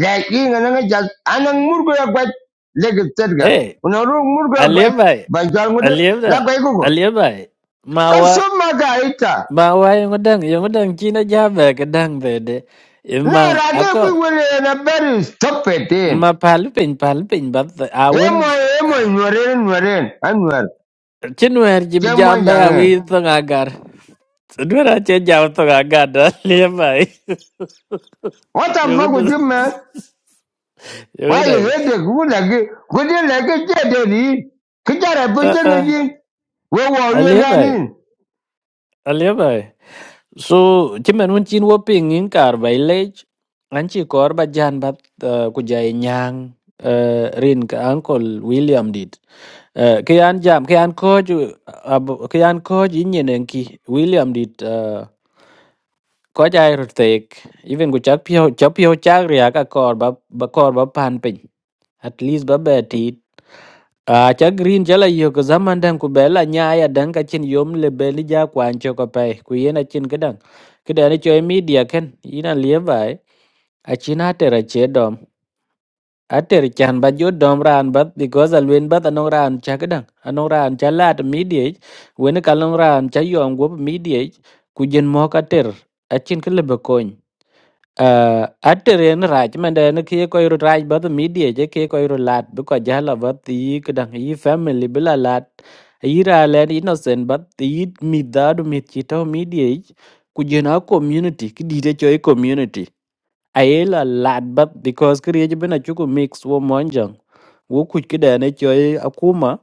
Speaker 1: la yin na ga jal anan murgo ya gwat le ge tedga
Speaker 2: ê
Speaker 1: murgo ya
Speaker 2: à
Speaker 1: gwat
Speaker 2: liếp vậy
Speaker 1: ban jal
Speaker 2: à
Speaker 1: mudu
Speaker 2: liếp
Speaker 1: la
Speaker 2: đó
Speaker 1: gwai gugo
Speaker 2: à liếp vậy mà wa
Speaker 1: ita
Speaker 2: mà yung cái đằng yung cái đằng chi nó giá về cái đằng về để
Speaker 1: na
Speaker 2: mà
Speaker 1: ra
Speaker 2: à
Speaker 1: ge ku
Speaker 2: có
Speaker 1: wele na beri stop in
Speaker 2: mà phá lúc bình phá lúc bình bắt à vẫn
Speaker 1: emo emo nyoren nyoren anwar
Speaker 2: chânwer chỉ
Speaker 1: ke
Speaker 2: jam
Speaker 1: monja
Speaker 2: bay à
Speaker 1: nge
Speaker 2: vi tông agar Dua ra chơi jam tông agar đó liếp vậy
Speaker 1: what the
Speaker 2: yung cái
Speaker 1: fuck with you man
Speaker 2: đằng Yo cái
Speaker 1: Why you
Speaker 2: này
Speaker 1: hate the good like it? Good like it, yeah, daddy. Kitara
Speaker 2: ơ
Speaker 1: putting
Speaker 2: ơ
Speaker 1: again. We were
Speaker 2: anh
Speaker 1: you
Speaker 2: liếm vậy
Speaker 1: again.
Speaker 2: anh liếm vậy so chứ mình muốn chín vô pin những cả vậy lấy anh chỉ có bà jan bắt ờ, của dạy nhang ờ, rin cái uncle William dit Ờ, cái anh jam cái anh có chứ à, bộ- cái anh có chứ nhìn anh kì William dit ờ, có dạy rồi tệ even của chắc piao chắc piao chắc ria cả cor bà bà cor bà pan piny. at least ba bè tịt à chắc green chả là yêu cái zaman đang của bé là nhai à đang cái chuyện le bé lý gia quan cho cái bé của yên là chuyện cái đằng cái đằng này cho media khen yên là liếc vậy à chuyện hạt ra chế đom hạt chan ba jo đom ra an bắt because alwin bắt anong ra an cha cái đằng anong ra an cha là media when cái anong ra an cha yom của media của dân mò cái ter à chuyện cái là bê coin uh, atere ne rach mende ne kie ko yuru rach bat media je kie ko yuru lat bu ko jala bat yi kedang yi family bila lat yi ra len innocent bat yi mi dadu mi chito media ich, ku jena community ki dite choi community ayela lat bat because kriye je bena chuku mix wo monjang wo kuj kidane choi akuma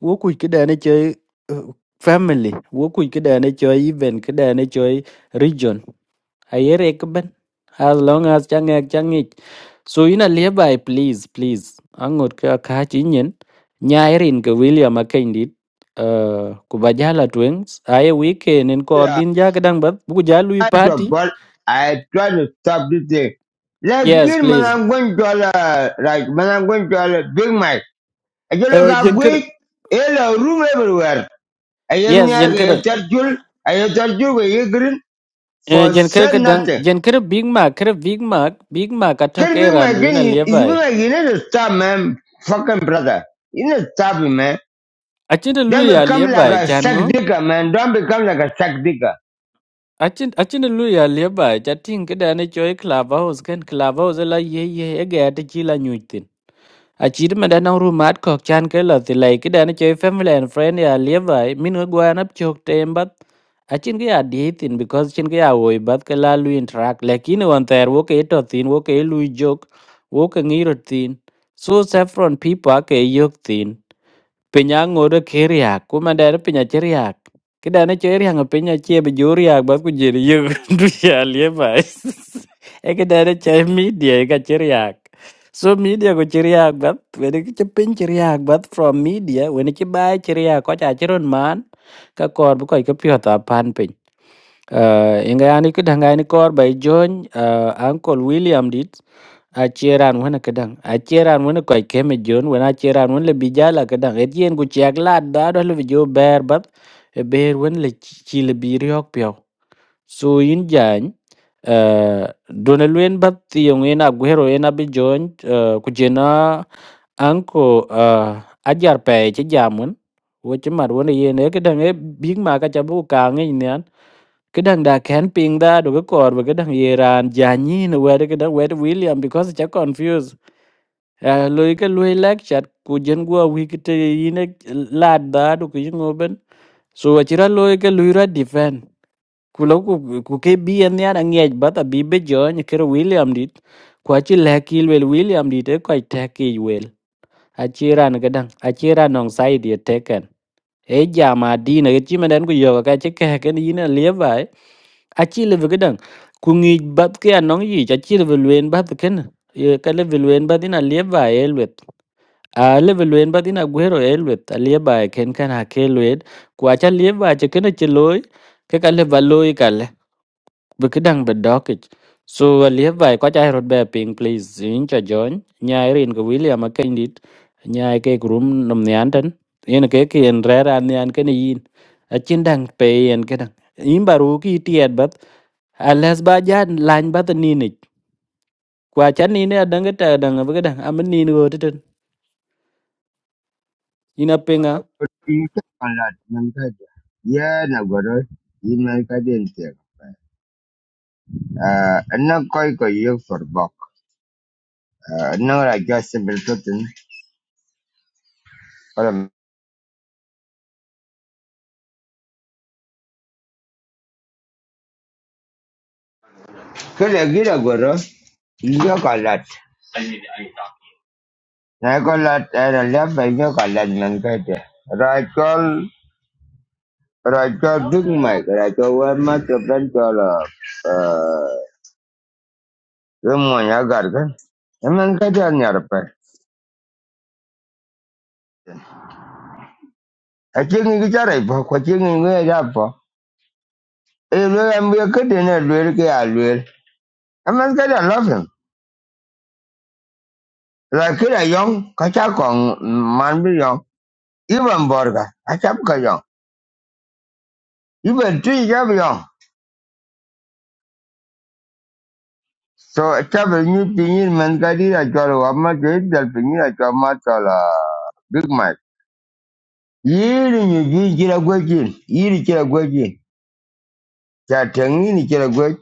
Speaker 2: wo kuj kidane choi uh, family wo kuj kidane choi event kidane choi region Ayer ekben. As long as changek changich. So ina liabai please please. Angot ka kachinyen. Nyairin ke William akendit. Uh, kubajala twins. Aye weekend in
Speaker 1: Yeah.
Speaker 2: korbin jakadang bat. Buku jalui
Speaker 1: I took
Speaker 2: party.
Speaker 1: but I try to stop this thing. Like
Speaker 2: Yes
Speaker 1: when
Speaker 2: please.
Speaker 1: I'm going to, uh, like, when I'm going to uh, Big Mike. I just look
Speaker 2: Uh,
Speaker 1: up
Speaker 2: jen kada.
Speaker 1: quick. Hello, room everywhere. I have
Speaker 2: Yes jen
Speaker 1: near the
Speaker 2: kada.
Speaker 1: church. I am church where you green
Speaker 2: Uh,
Speaker 1: for
Speaker 2: jen kada
Speaker 1: said
Speaker 2: kadang.
Speaker 1: nothing.
Speaker 2: Jen kada Big Mac. Kada Big Mac. Big Mac atok
Speaker 1: Can Big Mike,
Speaker 2: erandu
Speaker 1: can
Speaker 2: ina
Speaker 1: you, is Big
Speaker 2: liabai.
Speaker 1: Mike, you need to stop, man. Fucking brother. You need to stop him, man.
Speaker 2: Achinda
Speaker 1: Don't
Speaker 2: luya
Speaker 1: become like
Speaker 2: liabai
Speaker 1: a sack
Speaker 2: chango.
Speaker 1: digger, man. Don't become like a sack digger.
Speaker 2: acin acin luya liaba cha ting kada ne choi clubhouse kan clubhouse la ye ye e ga ta chi la nyutin acid ma da nang rumat kok chan ke la ti lai kada ne choi family and friend ya liaba min go gwan ap chok tem bat acin ga di tin because chin ga oi bat ke la lu interact lekin on ter wo ke to tin wo ke lu jok wo ke ngiro tin so saffron people ke yok tin Pinya ngode keriak, ku ma dere ceriak. ci riak, ki dana cie riak nge bas ku jeri yo du ya lie bai. E ki dana media e ka ci So media ku ceriak, riak bat, wede ki ci pin bat from media, wede ci bai ci riak ko cha ci man, ka kor bu koi ka pio ta pan pin. Uh, inga yani ki danga yani kor bai John uh, Uncle William dit acheran wana kadang acheran wana koy keme jon wana acheran wana le bijala kadang etien ku chak la da do le jo ber bab e ber wana le chi chi le bi riok pyo so yin jan eh dona luen bab ti yong ena gwero ena bi jon eh, ku jena anko eh, ajar pe che jamun wo che mar wana yen e kadang e big ma ka chabu ka ngi Kadang da ken ping da do ga kor ba kadang Iran janyi no wede kada wede William because cha confuse. Uh, loy ka loy lecture ku jen gua wikite yine lad da do ku ngoben. So achira loy ka loy ra defend. Kulo ku ku ke bi en ya ngej ba ta bi be jony kero William dit. Ku achi lekil wel William dit e ko take wel. Achira na kadang achira nong side ye teken e jama dina ke chima den ku yoga ka che ke ke ni na le bai a chi le ve gedang ku ngi bat ke anong yi cha chi le ve luen bat ken ye ka le ve luen bat ina le bai e luet a le ve luen bat ina guero e luet a le bai ken kan ha ke luet ku a cha le bai che ken che loy ke ka le ba loy ka Bukidang bedokich. So aliyev by kwacha herod bear ping please incha join. Nyai rin ko William akendit. Nyai ke room nom nyanten. Yen ke ki en rera nyan ken yin. Achin dang pe yen kedang. Yin baru ki tiet bat. Alas ba jan lan bat ninich. Kwacha nini adang ta dang bukidang. Amen nini go titen. Ina
Speaker 1: Uh,
Speaker 2: pinga.
Speaker 1: uh, You can a lot, man. kaja. Yeah, na goro. You man kaja inte. Ah, na koi ko you for bok. Uh, na ra just simple totin. Kala kala gira goro. You ko lot. Na ko lot. Era left by you ko lot man kaja. Rachel, Rachel duk mai. Rachel wa ma to plan to la. Uh, Rumon ya gargan. Man kaja pa. achengi ki chara ipo kwa chengi ngwe japo e lo ya mwe kete ne lwer ke a lwer amas kada love him la kira yong kacha kong man bi yong even borga achap ka yong even tri jab yong so achap nyu pinyin man kadi a cholo wa ma ke dal pinyin a cholo ma chola big mike yiri nyu a good gwejin yiri jira gwejin cha tengi ni jira gwej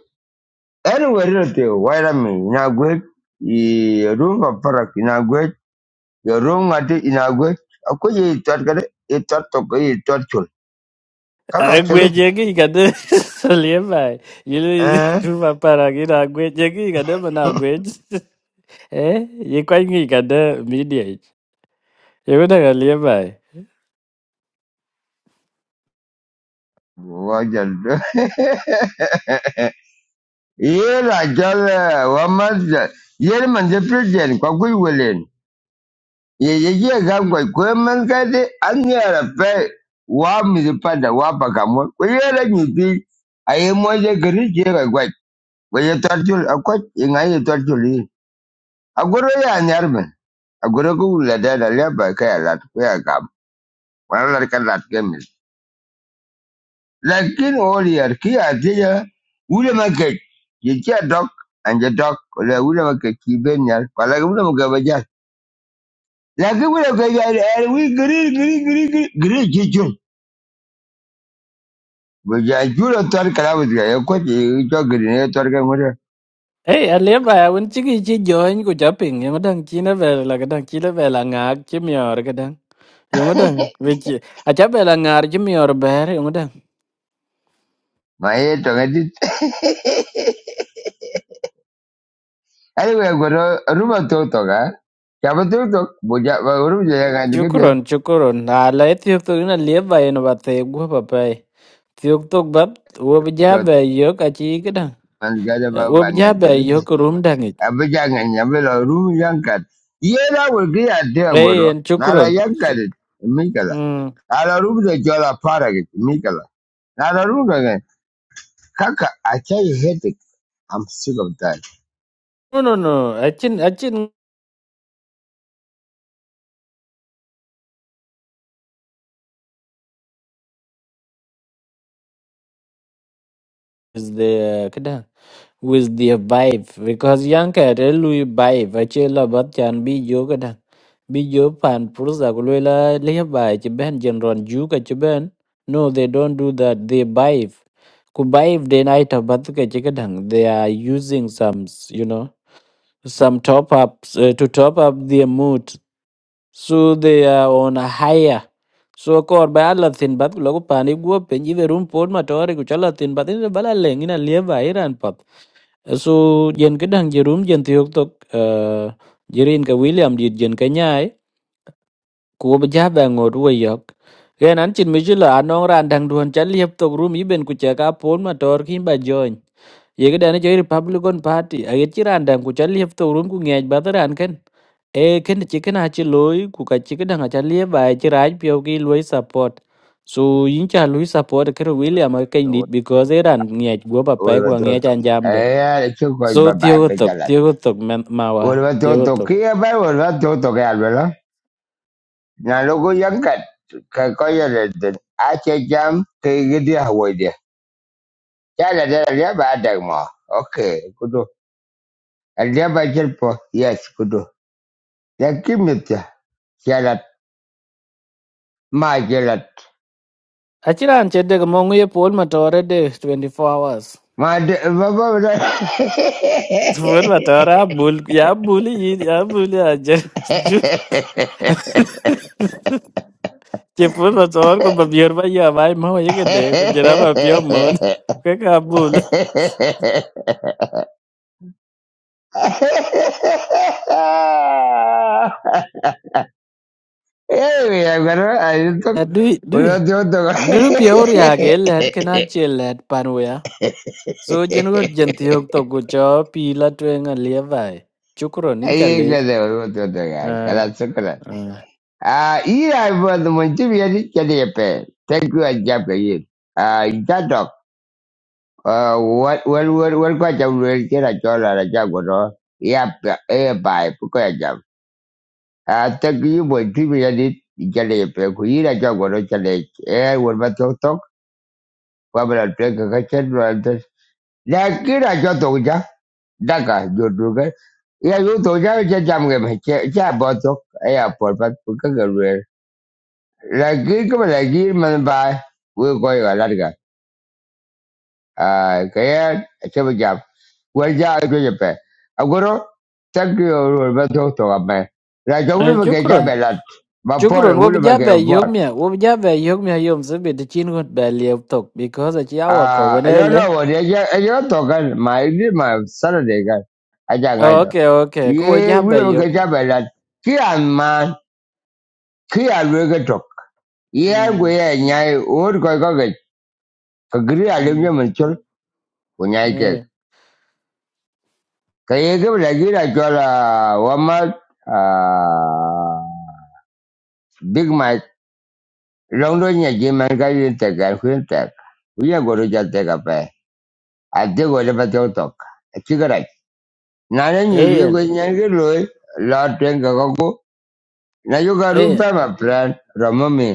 Speaker 1: anywhere rote waira mi na gwej i rumba parak na yo rum ngati ina gwe aku ye tat kare e tat to ko ye tat chul kaka chege
Speaker 2: Agweje ki kade aliyev by. Yili
Speaker 1: eh
Speaker 2: rupa para ki agweje ki kade mana agweje. Eh, ye kwa ngi kada media ich. Ye kwa dang alia bai.
Speaker 1: wa jal ye la jal wa mas ye man je president kwa gwe welen ye ye ye ga gwe ko man pe wa mi de pa wa pa ka mo ko ye la ni ti aye mo je gari je ga gwe ko ye tat chul akwa ngai ye tat chul agoro ya nyarbe agoro ku la da da le ba ka ya la ko Wala boleh kerja lagi. Lagi oh lihat kiat dia, sudah makin jadi dok, anjat dok. Kalau dia sudah makin kibenyar, kalau dia sudah mungkin belajar. Lagi dia sudah mungkin green green green green green hijau. Belajar jual tukar kerabat dia. Kecik hijau green dia tukar kerja
Speaker 2: Eh, alia bai awun chiki chi join ku chaping. Ye kwa dang china bai la ka dang chila bai la ngak chi mior ka dang. Ye kwa dang vichi. Acha bai la ngar chi mior bai ye kwa dang.
Speaker 1: macet orang itu. Ada orang berada rumah tutuk kan? Siapa tutuk? Belajar rumah jangan tu keje.
Speaker 2: Chukron, chukron. Ala e tiok tok ina alia bai ina ba te gua papai. Tiok tok bat uwa bija bai yok achi ka dang.
Speaker 1: Mantik ada
Speaker 2: Uwa
Speaker 1: apa-apa ngan
Speaker 2: bija
Speaker 1: tu
Speaker 2: bai
Speaker 1: keje.
Speaker 2: yok rum dang ich.
Speaker 1: abijanga nyabela rum yankat yera wegi ade agoro
Speaker 2: Eh, en
Speaker 1: nala
Speaker 2: chukron.
Speaker 1: yankat
Speaker 2: Chuk-
Speaker 1: mikala
Speaker 2: Hmm.
Speaker 1: nala rum de jola parage mikala nala rum de kaka achai headache i'm sick of that
Speaker 2: No, no, no. Achin, achin is the ka dang. with their vibe because young kere lui vibe achela bat chan bi jo kada bi jo pan purza kulwela le ba che ben general ju ka che ben no they don't do that they vibe ku vibe de night bat ka che kadang they are using some you know some top ups uh, to top up their mood so they are on a higher so kor ba la thin bat lo ko pani go pe ni ve rum pon ma tore ku chala thin bat ni bala lengina le ba iran Su jen ke dang jerum jen tiok tok eh, jerin ke William dit jen ke nyai ku be ja ba ngot we yok. Ken an chin mi jula anong ran dang duan cha liep tok rum iben ku cha ka pon ma tor kin ba join. Ye ke dane joi Republican Party a ye chi ran dang ku cha liep tok rum ku ngej ba ta ran ken. E ken chi ken a chi loy ku ka chi ke dang a cha liep ba e chi raj pio ki loy support. So yin cha loy support ke William a ken dit because e ran ngej go ba pe ku
Speaker 1: olwa
Speaker 2: ngej
Speaker 1: toto
Speaker 2: an jam de
Speaker 1: eh chuko
Speaker 2: So
Speaker 1: baba
Speaker 2: tiogotok,
Speaker 1: pekala
Speaker 2: tiogotok men mawa,
Speaker 1: olwa toto
Speaker 2: tiogotok.
Speaker 1: kia ba olwa toto ke albela nalo go yankat ka koya de ache jam ke gidi hawaje chala de ya ba dagmo okay kudu Aliyah Bajal po, yes, good. Now give me the salad, my salad,
Speaker 2: Achiran chede ko mongu ye pol matore de 24 hours.
Speaker 1: my d- what was that?
Speaker 2: Pol matore abul, ya buli yin, ya buli aje. Ju. Che pol matore ko babior ba ya bai mawa ye gede ko jera ba pio mon. Ko ka bul.
Speaker 1: Hey, I'm gonna- I took-
Speaker 2: Du
Speaker 1: ഒരു
Speaker 2: du
Speaker 1: പത്ത് പത്ത്
Speaker 2: du pio ria ge let kena che let panwa. So jen go jen tiogotok go cho pila twenga lievai. Chukro ninja
Speaker 1: അയ്യേ
Speaker 2: le.
Speaker 1: ഒരു പത്ത് പത്ത്
Speaker 2: Ah.
Speaker 1: കലാസുക്കല ആ ഈ album ഒന്ന് മുഞ്ചു വിചാരിച്ചേ താങ്ക് യു അജാബ് Uh, what what what what quite a real get a dollar a job or all. Yep, a buy, quite job. I think you would give me a did pekuin a job or a challenge. Eh, what about your talk? What about a drink a kitchen rounders? Like it, I got doja. Daka, you do it. Yeah, you doja, it's a jam game. Chia bottle, a airport, but cook a real. Like it, come like it, man, buy. We're going a lot. Ah, kaya chama jam. Waja ko je pe. Agoro thank you ro ba to to ga me. La ja wulu
Speaker 2: Eh,
Speaker 1: ba ke ja
Speaker 2: Shukran.
Speaker 1: be la. Ba por
Speaker 2: Shukran. Wo
Speaker 1: wulu ba ke
Speaker 2: bijaba yok
Speaker 1: por.
Speaker 2: mia. Wo bijaba yok mia yom zabi de chin gut ba liep tok because a chiawa ko
Speaker 1: Ah, I don't
Speaker 2: wenele.
Speaker 1: know what ya ya to ga my did my Saturday ga. Aja ngai
Speaker 2: Oh,
Speaker 1: to.
Speaker 2: okay, okay. Ko
Speaker 1: Ye
Speaker 2: bijaba
Speaker 1: wulu ba ke
Speaker 2: yok.
Speaker 1: ja be la. Ki an ma ki a lu ke to. Ye go
Speaker 2: Hmm.
Speaker 1: ye nyai or ko ko ke. Ka gri a le
Speaker 2: Hmm.
Speaker 1: ko nyai ke.
Speaker 2: Eh.
Speaker 1: Ka ke la gi la cho ah Big Mike, long do nya ji man ka yin te ka kwin te. Uya go ro ja te ka pe. A de go le pa te utok. A chi ga rai. Na ne ni bi
Speaker 2: Eh.
Speaker 1: go nya ge lo la ten ka ko ko. Na yo ka ru
Speaker 2: Eh.
Speaker 1: pa ma plan ro mo mi.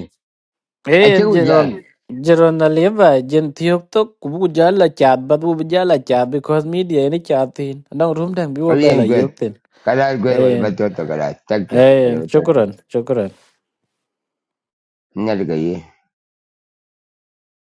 Speaker 1: A
Speaker 2: Eh.
Speaker 1: chi u jan.
Speaker 2: Jeron. Jeron na lieva jen tiok tok kubu jala chat but wo bijala chat because media ni chat thin. Nang room dang
Speaker 1: O
Speaker 2: biwa
Speaker 1: yen
Speaker 2: bela
Speaker 1: gwe.
Speaker 2: yok thin.
Speaker 1: Ka la gwe wo le
Speaker 2: Eh.
Speaker 1: pa te utok ka la. Tak ya. Wo le
Speaker 2: Eh.
Speaker 1: pa te utok.
Speaker 2: Shukran. Shukran.
Speaker 1: Nya le ga ye.